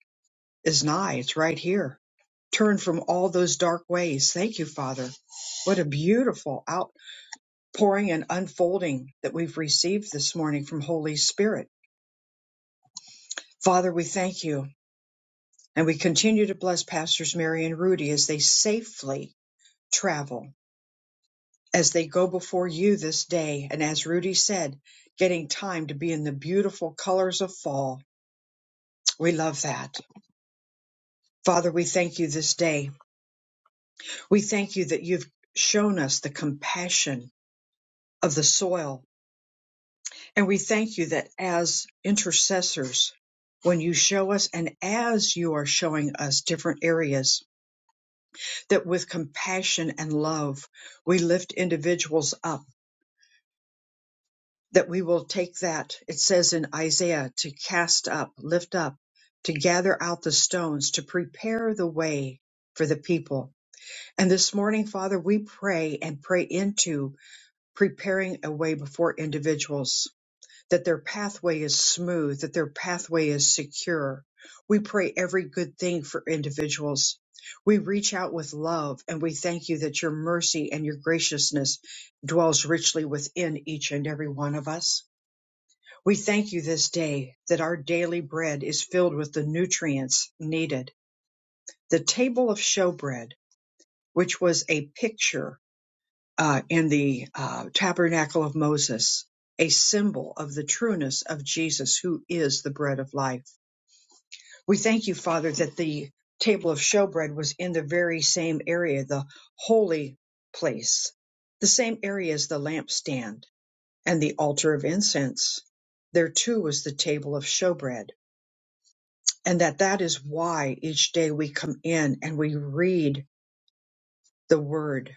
is nigh. It's right here. Turn from all those dark ways. Thank you, Father. What a beautiful outpouring and unfolding that we've received this morning from Holy Spirit. Father, we thank you And we continue to bless Pastors Mary and Rudy as they safely travel, as they go before you this day. And as Rudy said, getting time to be in the beautiful colors of fall. We love that. Father, we thank you this day. We thank you that you've shown us the compassion of the soil. And we thank you that as intercessors, when you show us and as you are showing us different areas, that with compassion and love, we lift individuals up that we will take that. It says in Isaiah to cast up, lift up, to gather out the stones, to prepare the way for the people. And this morning, Father, we pray and pray into preparing a way before individuals, that their pathway is smooth, that their pathway is secure. We pray every good thing for individuals. We reach out with love and we thank you that your mercy and your graciousness dwells richly within each and every one of us. We thank you this day that our daily bread is filled with the nutrients needed. The table of showbread, which was a picture uh, in the uh, tabernacle of Moses, a symbol of the trueness of Jesus, who is the bread of life. We thank you, Father, that the table of showbread was in the very same area, the holy place, the same area as the lampstand and the altar of incense. There too was the table of showbread and that that is why each day we come in and we read the word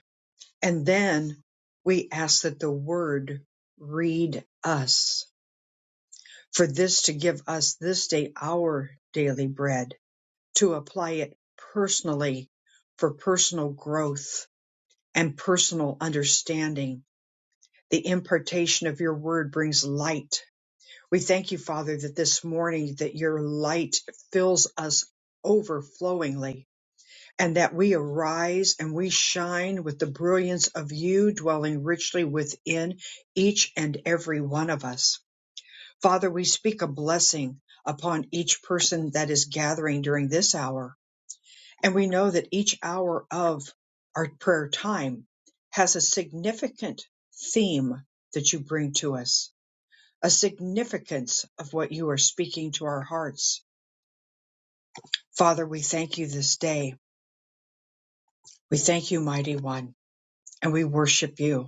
and then we ask that the word read us for this to give us this day our daily bread to apply it personally for personal growth and personal understanding the impartation of your word brings light we thank you father that this morning that your light fills us overflowingly and that we arise and we shine with the brilliance of you dwelling richly within each and every one of us. Father, we speak a blessing upon each person that is gathering during this hour. And we know that each hour of our prayer time has a significant theme that you bring to us, a significance of what you are speaking to our hearts. Father, we thank you this day. We thank you, mighty one, and we worship you.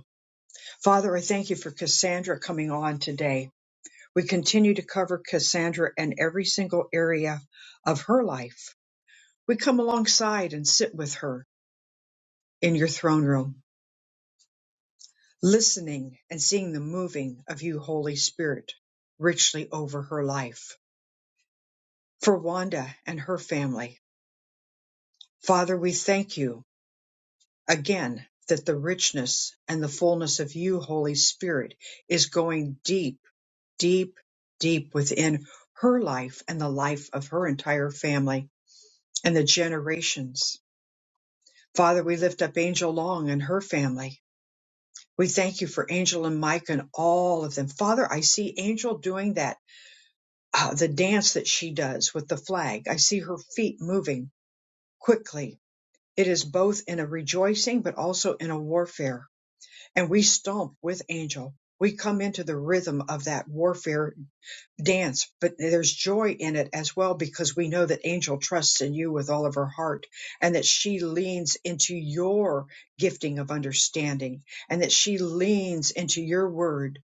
Father, I thank you for Cassandra coming on today. We continue to cover Cassandra and every single area of her life. We come alongside and sit with her in your throne room, listening and seeing the moving of you, Holy Spirit, richly over her life. For Wanda and her family, Father, we thank you again that the richness and the fullness of you, Holy Spirit, is going deep deep, deep within her life and the life of her entire family and the generations. Father, we lift up Angel Long and her family. We thank you for Angel and Mike and all of them. Father, I see Angel doing that, uh, the dance that she does with the flag. I see her feet moving quickly. It is both in a rejoicing, but also in a warfare. And we stomp with Angel. We come into the rhythm of that warfare dance, but there's joy in it as well because we know that Angel trusts in you with all of her heart and that she leans into your gifting of understanding and that she leans into your word.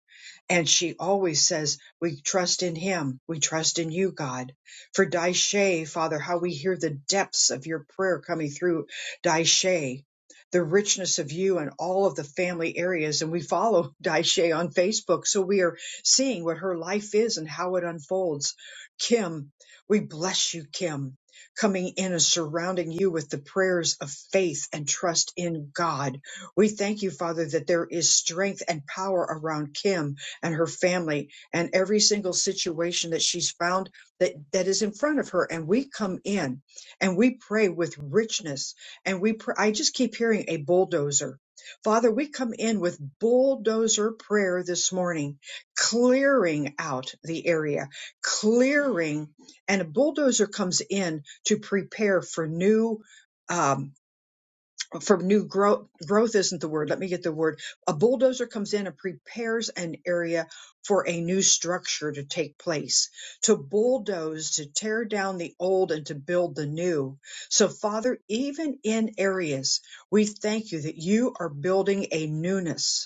And she always says, We trust in him. We trust in you, God. For Daishe, Father, how we hear the depths of your prayer coming through Daishe. The richness of you and all of the family areas. And we follow <laughs> Daishe on Facebook. So we are seeing what her life is and how it unfolds. Kim, we bless you, Kim, coming in and surrounding you with the prayers of faith and trust in God. We thank you, Father, that there is strength and power around Kim and her family and every single situation that she's found that, that is in front of her. And we come in and we pray with richness. And we, pr- I just keep hearing a bulldozer. Father, we come in with bulldozer prayer this morning clearing out the area, clearing, and a bulldozer comes in to prepare for new. Um, for new growth, growth isn't the word. Let me get the word. A bulldozer comes in and prepares an area for a new structure to take place, to bulldoze, to tear down the old and to build the new. So, Father, even in areas, we thank you that you are building a newness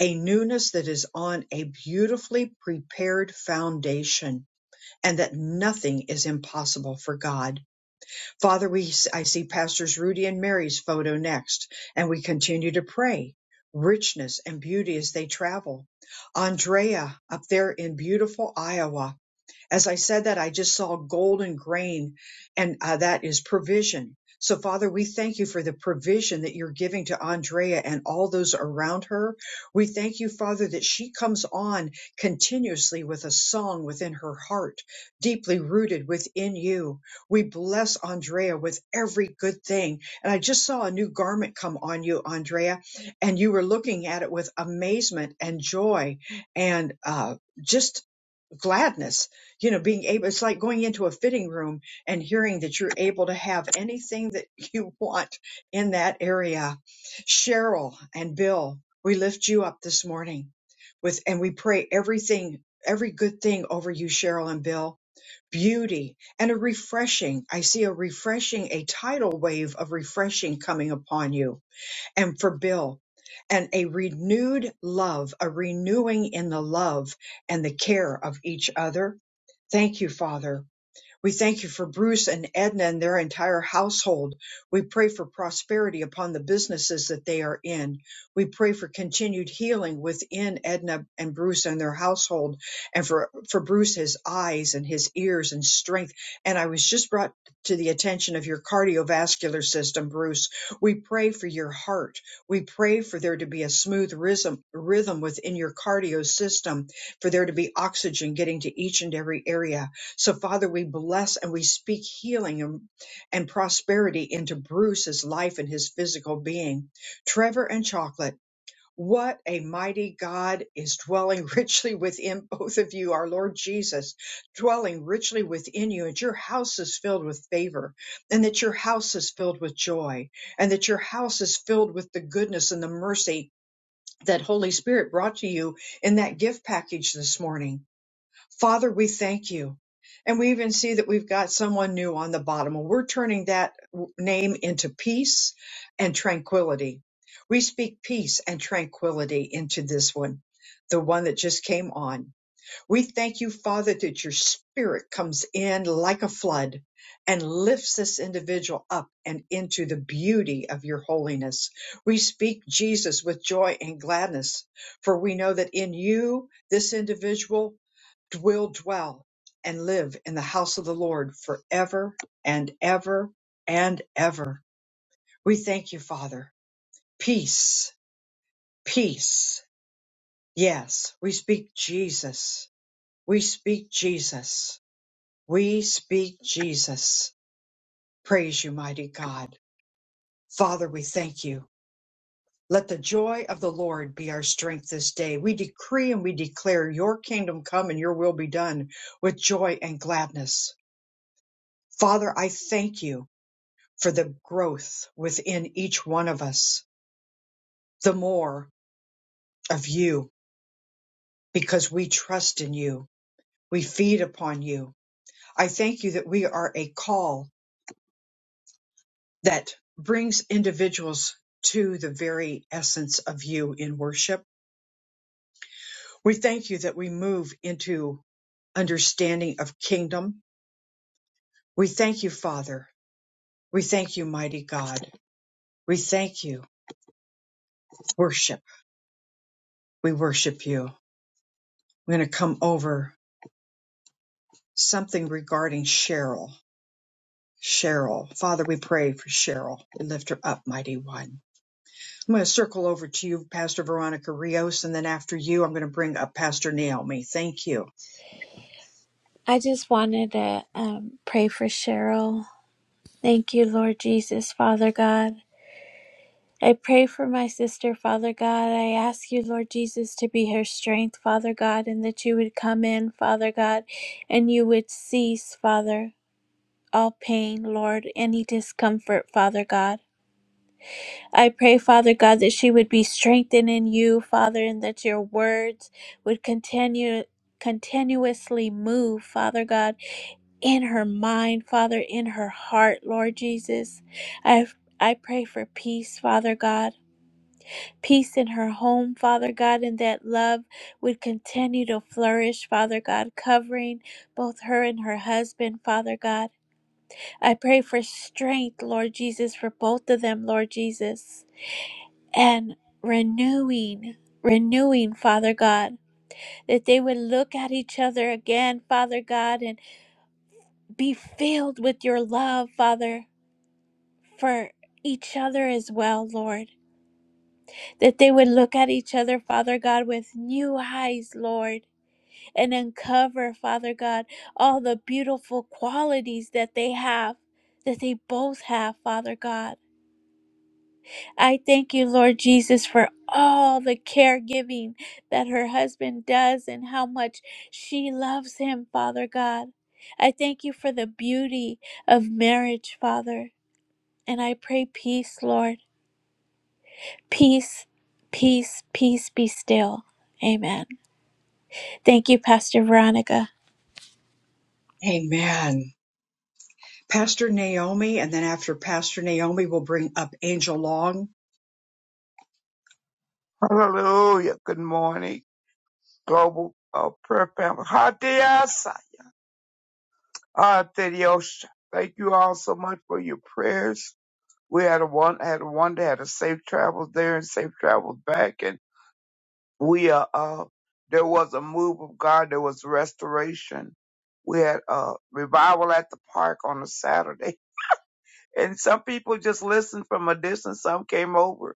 a newness that is on a beautifully prepared foundation and that nothing is impossible for God. Father, we I see pastors Rudy and Mary's photo next and we continue to pray richness and beauty as they travel. Andrea up there in beautiful Iowa as I said that, I just saw golden grain, and uh, that is provision. So, Father, we thank you for the provision that you're giving to Andrea and all those around her. We thank you, Father, that she comes on continuously with a song within her heart, deeply rooted within you. We bless Andrea with every good thing. And I just saw a new garment come on you, Andrea, and you were looking at it with amazement and joy and uh, just gladness you know being able it's like going into a fitting room and hearing that you're able to have anything that <laughs> you want in that area cheryl and bill we lift you up this morning with and we pray everything every good thing over you cheryl and bill beauty and a refreshing i see a refreshing a tidal wave of refreshing coming upon you and for Bill, and a renewed love, a renewing in the love and the care of each other. Thank you, Father. We thank you for Bruce and Edna and their entire household. We pray for prosperity upon the businesses that they are in. We pray for continued healing within Edna and Bruce and their household and for, for Bruce, his eyes and his ears and strength. And I was just brought to the attention of your cardiovascular system, Bruce. We pray for your heart. We pray for there to be a smooth rhythm, rhythm within your cardio system, for there to be oxygen getting to each and every area so, Father, we bless and we speak healing and, and prosperity into Bruce's life and his physical being. Trevor and Chocolate, what a mighty God is dwelling <laughs> richly within both of you, our Lord Jesus, dwelling richly within you, and your house is filled with favor, and that your house is filled with joy, and that your house is filled with the goodness and the mercy that Holy Spirit brought to you in that gift package this morning Father, we thank you. And we even see that we've got someone new on the bottom. And we're turning that w- name into peace and tranquility. We speak peace and tranquility into this one, the one that just came on. We thank you, Father, that your spirit comes in like a flood and lifts this individual up and into the beauty of your holiness. We speak Jesus with joy and gladness, for we know that in you, this individual will dwell and live in the house of the Lord forever and ever and ever. We thank you, Father. Peace, peace. Yes, we speak Jesus. We speak Jesus. We speak Jesus. Praise you, mighty God. Father, we thank you. Let the joy of the Lord be our strength this day. We decree and we declare your kingdom come and your will be done with joy and gladness. Father, I thank you for the growth within each one of us, the more of you, because we trust in you. We feed upon you. I thank you that we are a call that brings individuals to the very essence of you in worship. We thank you that we move into understanding of kingdom. We thank you, Father. We thank you, mighty God. We thank you. Worship. We worship you. I'm going to come over something regarding Cheryl. Cheryl. Father, we pray for Cheryl. We lift her up, mighty one. I'm going to circle over to you, Pastor Veronica Rios, and then after you, I'm going to bring up Pastor Naomi. Thank you. I just wanted to um, pray for Cheryl. Thank you, Lord Jesus, Father God. I pray for my sister, Father God. I ask you, Lord Jesus, to be her strength, Father God, and that you would come in, Father God, and you would cease, Father. All pain, Lord, any discomfort, Father God. I pray, Father God, that she would be strengthened in you, Father, and that your words would continue continuously move, Father God, in her mind, Father, in her heart, Lord Jesus. I I pray for peace, Father God peace in her home, Father God, and that love would continue to flourish, Father God, covering both her and her husband, Father God. I pray for strength, Lord Jesus, for both of them, Lord Jesus, and renewing. Renewing, Father God, that they would look at each other again, Father God, and be filled with your love, Father, for each other as well, Lord. That they would look at each other, Father God, with new eyes, Lord and uncover, Father God, all the beautiful qualities that they have, that they both have, Father God. I thank you, Lord Jesus, for all the caregiving that her husband does and how much she loves him, Father God. I thank you for the beauty of marriage, Father. And I pray peace, Lord. Peace, peace, peace be still. Amen. Thank you, Pastor Veronica. Amen. Pastor Naomi, and then after Pastor Naomi, we'll bring up Angel Long. Hallelujah. Good morning, Global uh, Prayer Family. Hadiasa. Hadiosha. Thank you all so much for your prayers. We had a one had a one day had a safe travels there and safe travels back, and we uh, uh there was a move of God. There was restoration. We had a revival at the park on a Saturday, <laughs> and some people just listened from a distance. Some came over,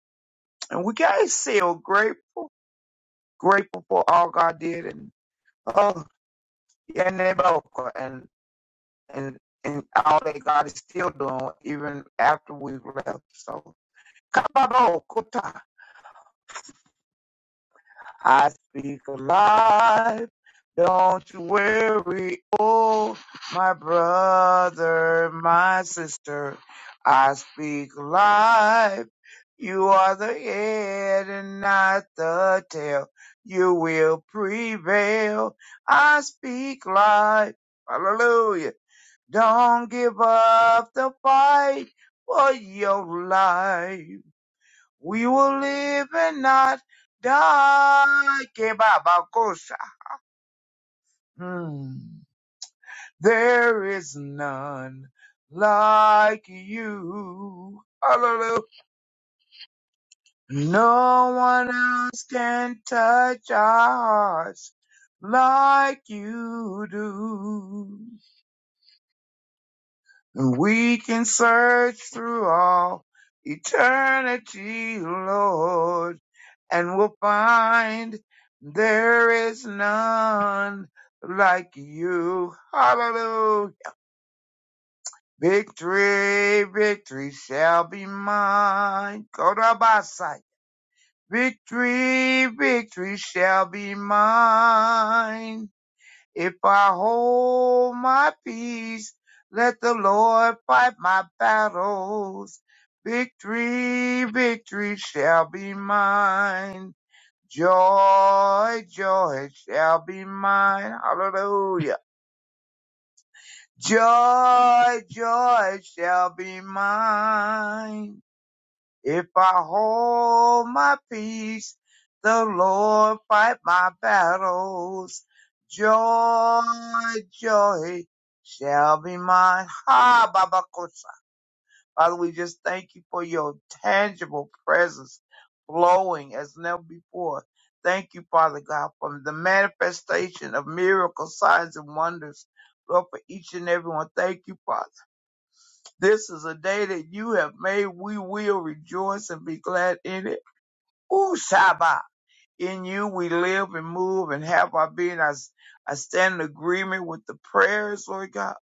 and we guys still grateful, grateful for all God did, and oh. Yeah, Neboka, and and and all that God is still doing even after we left. So, Kababokuta, I speak alive. Don't you worry, oh my brother, my sister. I speak life. You are the head and not the tail. You will prevail. I speak life. Hallelujah. Don't give up the fight for your life. We will live and not die. Kebabakosa. Hmm. There is none like you. Hallelujah. No one else can touch our hearts like you do. And we can search through all eternity, Lord, and we'll find there is none like you. Hallelujah. Victory, victory shall be mine. Go Victory, victory shall be mine. If I hold my peace, let the Lord fight my battles. Victory, victory shall be mine. Joy, joy shall be mine. Hallelujah. Joy, joy shall be mine. If I hold my peace, the Lord fight my battles. Joy, joy shall be mine. Ha, Baba Kosa. Father, we just thank you for your tangible presence flowing as never before. Thank you, Father God, for the manifestation of miracles, signs, and wonders. Lord, for each and every one, thank you, Father. This is a day that you have made. We will rejoice and be glad in it. Ooh, Shaba. In you we live and move and have our being. I I stand in agreement with the prayers, Lord God.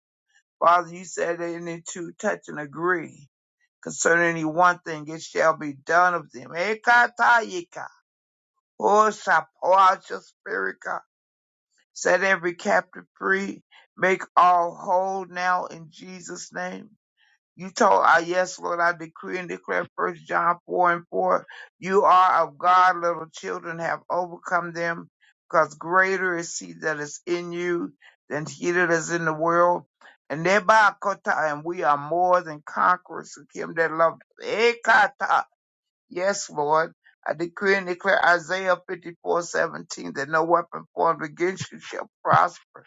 Father, you said that any two touch and agree concerning any one thing, it shall be done of them. Ekatayika. Oh, Shah, pour out your spirit, God. Set every captive free. Make all whole now in Jesus' name. You told I yes, Lord, I decree and declare first John four and four. You are of God, little children have overcome them, because greater is he that is in you than he that is in the world. And thereby kota, and we are more than conquerors to him that loved us. Eh, kata Yes, Lord. I decree and declare Isaiah fifty four seventeen that no weapon formed against you shall prosper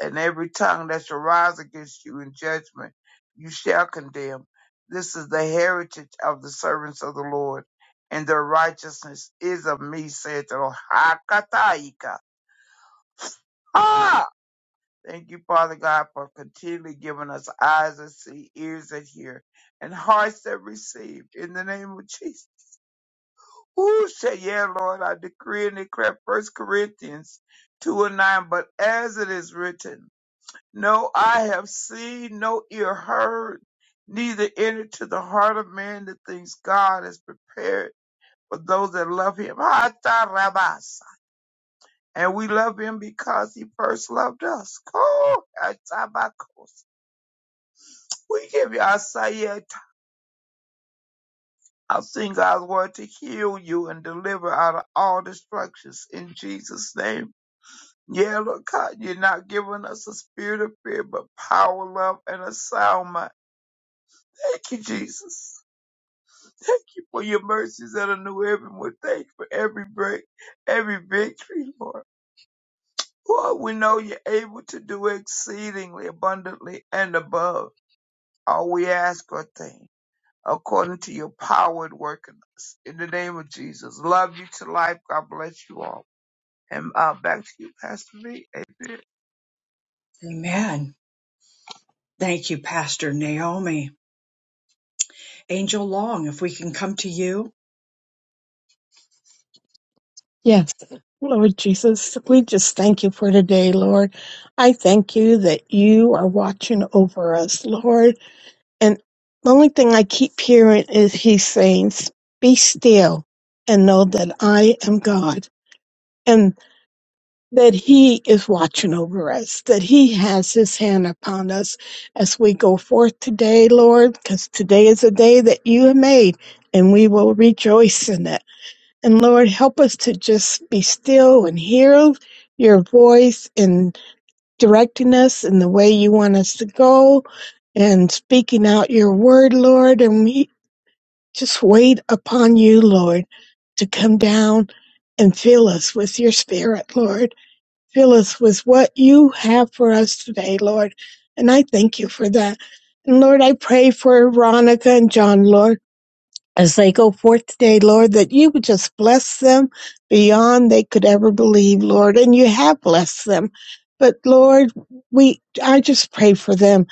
and every tongue that shall rise against you in judgment you shall condemn. This is the heritage of the servants of the Lord, and their righteousness is of me, saith the Lord. Hakataika. Ha! Thank you, Father God, for continually giving us eyes that see, ears that hear, and hearts that receive. In the name of Jesus. Ooh, say yeah, Lord, I decree and declare First Corinthians 2 and 9, but as it is written, No eye have seen, no ear heard, neither entered to the heart of man the things God has prepared for those that love him. Hata rabasa. And we love him because he first loved us. Ko hatabakos. We give you our sayet. I'll sing God's word to heal you and deliver out of all destructions in Jesus' name. Yeah, Lord God, you're not giving us a spirit of fear, but power, love, and a sound mind. Thank you, Jesus. Thank you for your mercies that are new every morning. Thank you for every break, every victory, Lord. Lord, we know you're able to do exceedingly abundantly and above all we ask or think, according to your power at work in us. In the name of Jesus, love you to life. God bless you all. And uh, back to you, Pastor V. Amen. Amen. Thank you, Pastor Naomi. Angel Long, if we can come to you. Yes, Lord Jesus, we just thank you for today, Lord. I thank you that you are watching over us, Lord. And the only thing I keep hearing is He's saying, Be still and know that I am God and that He is watching over us, that He has His hand upon us as we go forth today, Lord, because today is a day that you have made and we will rejoice in it. And Lord, help us to just be still and hear your voice in directing us in the way you want us to go and speaking out your word, Lord. And we just wait upon you, Lord, to come down and fill us with your spirit, Lord. Fill us with what you have for us today, Lord. And I thank you for that. And Lord, I pray for Veronica and John, Lord as they go forth today, Lord, that you would just bless them beyond they could ever believe, Lord. And you have blessed them. But Lord, we, I just pray for them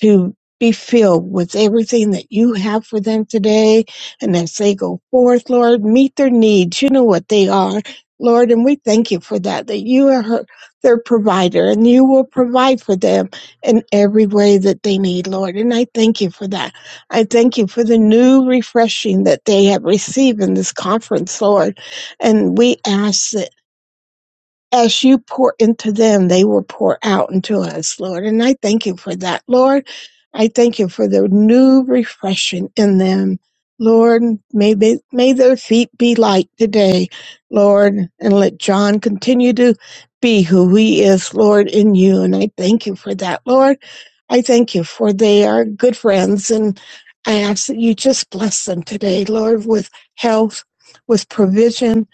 to be filled with everything that you have for them today. And as they go forth, Lord, meet their needs. You know what they are, Lord. And we thank you for that, that you are her, their provider and you will provide for them in every way that they need, Lord. And I thank you for that. I thank you for the new refreshing that they have received in this conference, Lord. And we ask that as you pour into them, they will pour out into us, Lord. And I thank you for that, Lord. I thank you for the new refreshing in them. Lord, may, they, may their feet be light today, Lord, and let John continue to be who he is, Lord, in you. And I thank you for that, Lord. I thank you for they are good friends. And I ask that you just bless them today, Lord, with health, with provision,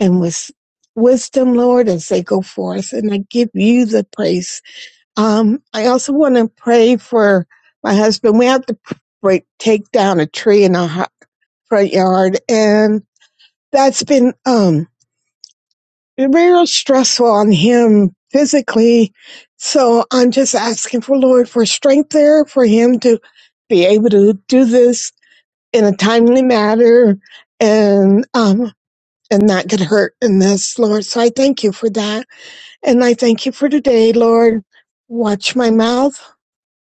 and with wisdom, Lord, as they go forth. And I give you the praise. Um, I also want to pray for my husband. We have to break, take down a tree in our ho- front yard. And that's been, um, real stressful on him physically. So I'm just asking for Lord for strength there for him to be able to do this in a timely manner and, um, and not get hurt in this, Lord. So I thank you for that. And I thank you for today, Lord. Watch my mouth,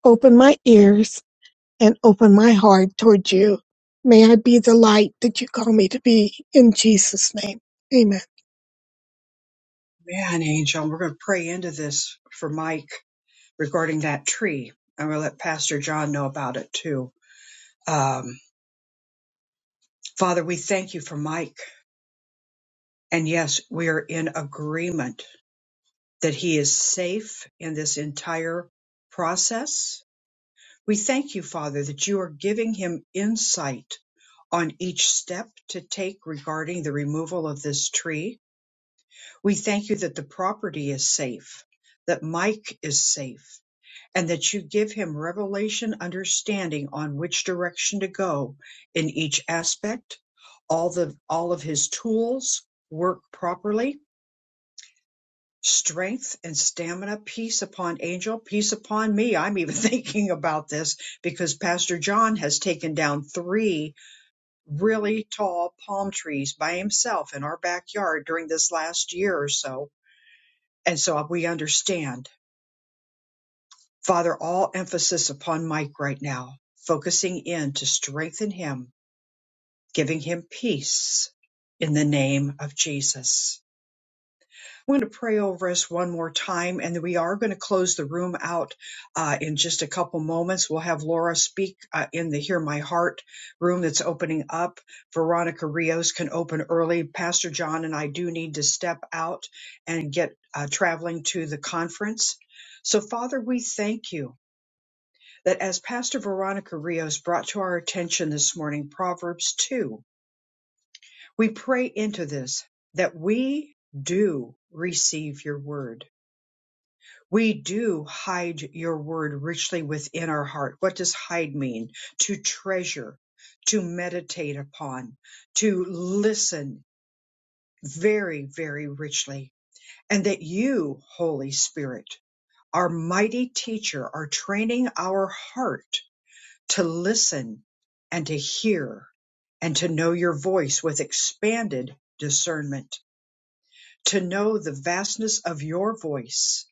open my ears, and open my heart toward you. May I be the light that you call me to be in Jesus' name. Amen. Man, Angel, we're going to pray into this for Mike regarding that tree. I'm going to let Pastor John know about it too. Um, Father, we thank you for Mike. And yes, we are in agreement that he is safe in this entire process. We thank you, Father, that you are giving him insight on each step to take regarding the removal of this tree. We thank you that the property is safe, that Mike is safe and that you give him revelation understanding on which direction to go in each aspect all the all of his tools work properly strength and stamina peace upon angel peace upon me i'm even <laughs> thinking about this because pastor john has taken down three really tall palm trees by himself in our backyard during this last year or so and so we understand Father, all emphasis upon Mike right now, focusing in to strengthen him, giving him peace in the name of Jesus. I'm going to pray over us one more time, and we are going to close the room out uh, in just a couple moments. We'll have Laura speak uh, in the Hear My Heart room that's opening up. Veronica Rios can open early. Pastor John and I do need to step out and get uh, traveling to the conference. So, Father, we thank you that as Pastor Veronica Rios brought to our attention this morning, Proverbs 2, we pray into this that we do receive your word. We do hide your word richly within our heart. What does hide mean? To treasure, to meditate upon, to listen very, very richly. And that you, Holy Spirit, our mighty teacher, are training our heart to listen and to hear and to know your voice with expanded discernment, to know the vastness of your voice,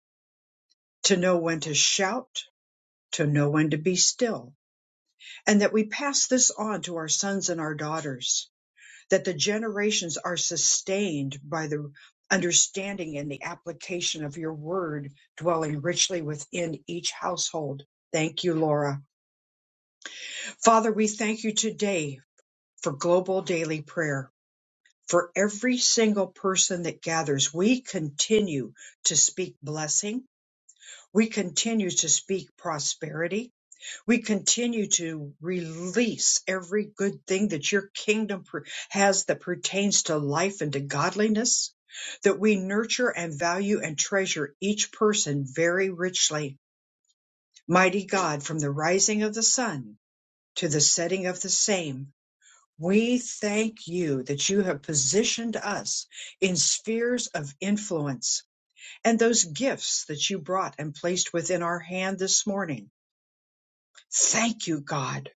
to know when to shout, to know when to be still, and that we pass this on to our sons and our daughters, that the generations are sustained by the understanding and the application of your word dwelling richly within each household. Thank you, Laura. Father, we thank you today for global daily prayer. for every single person that gathers, we continue to speak blessing. We continue to speak prosperity. We continue to release every good thing that your kingdom per- has that pertains to life and to godliness, that we nurture and value and treasure each person very richly. Mighty God, from the rising of the sun to the setting of the same, we thank you that you have positioned us in spheres of influence and those gifts that you brought and placed within our hand this morning. Thank you, God.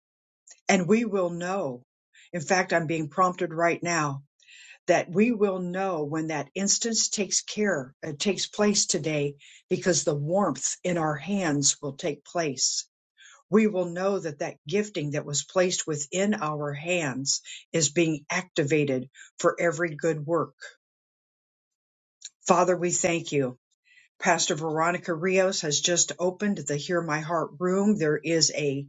And we will know. In fact, I'm being prompted right now that we will know when that instance takes care, uh, takes place today because the warmth in our hands will take place we will know that that gifting that was placed within our hands is being activated for every good work. Father, we thank you. Pastor Veronica Rios has just opened the Hear My Heart room. There is a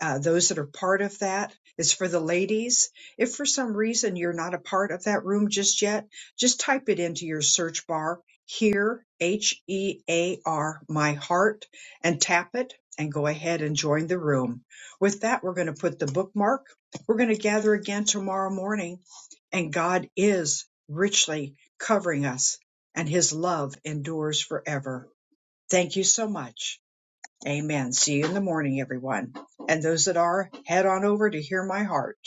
uh, those that are part of that is for the ladies. If for some reason you're not a part of that room just yet, just type it into your search bar Hear H E A R my heart and tap it and go ahead and join the room. With that, we're going to put the bookmark. We're going to gather again tomorrow morning and God is richly covering us and his love endures forever. Thank you so much. Amen. See you in the morning, everyone. And those that are, head on over to Hear My Heart.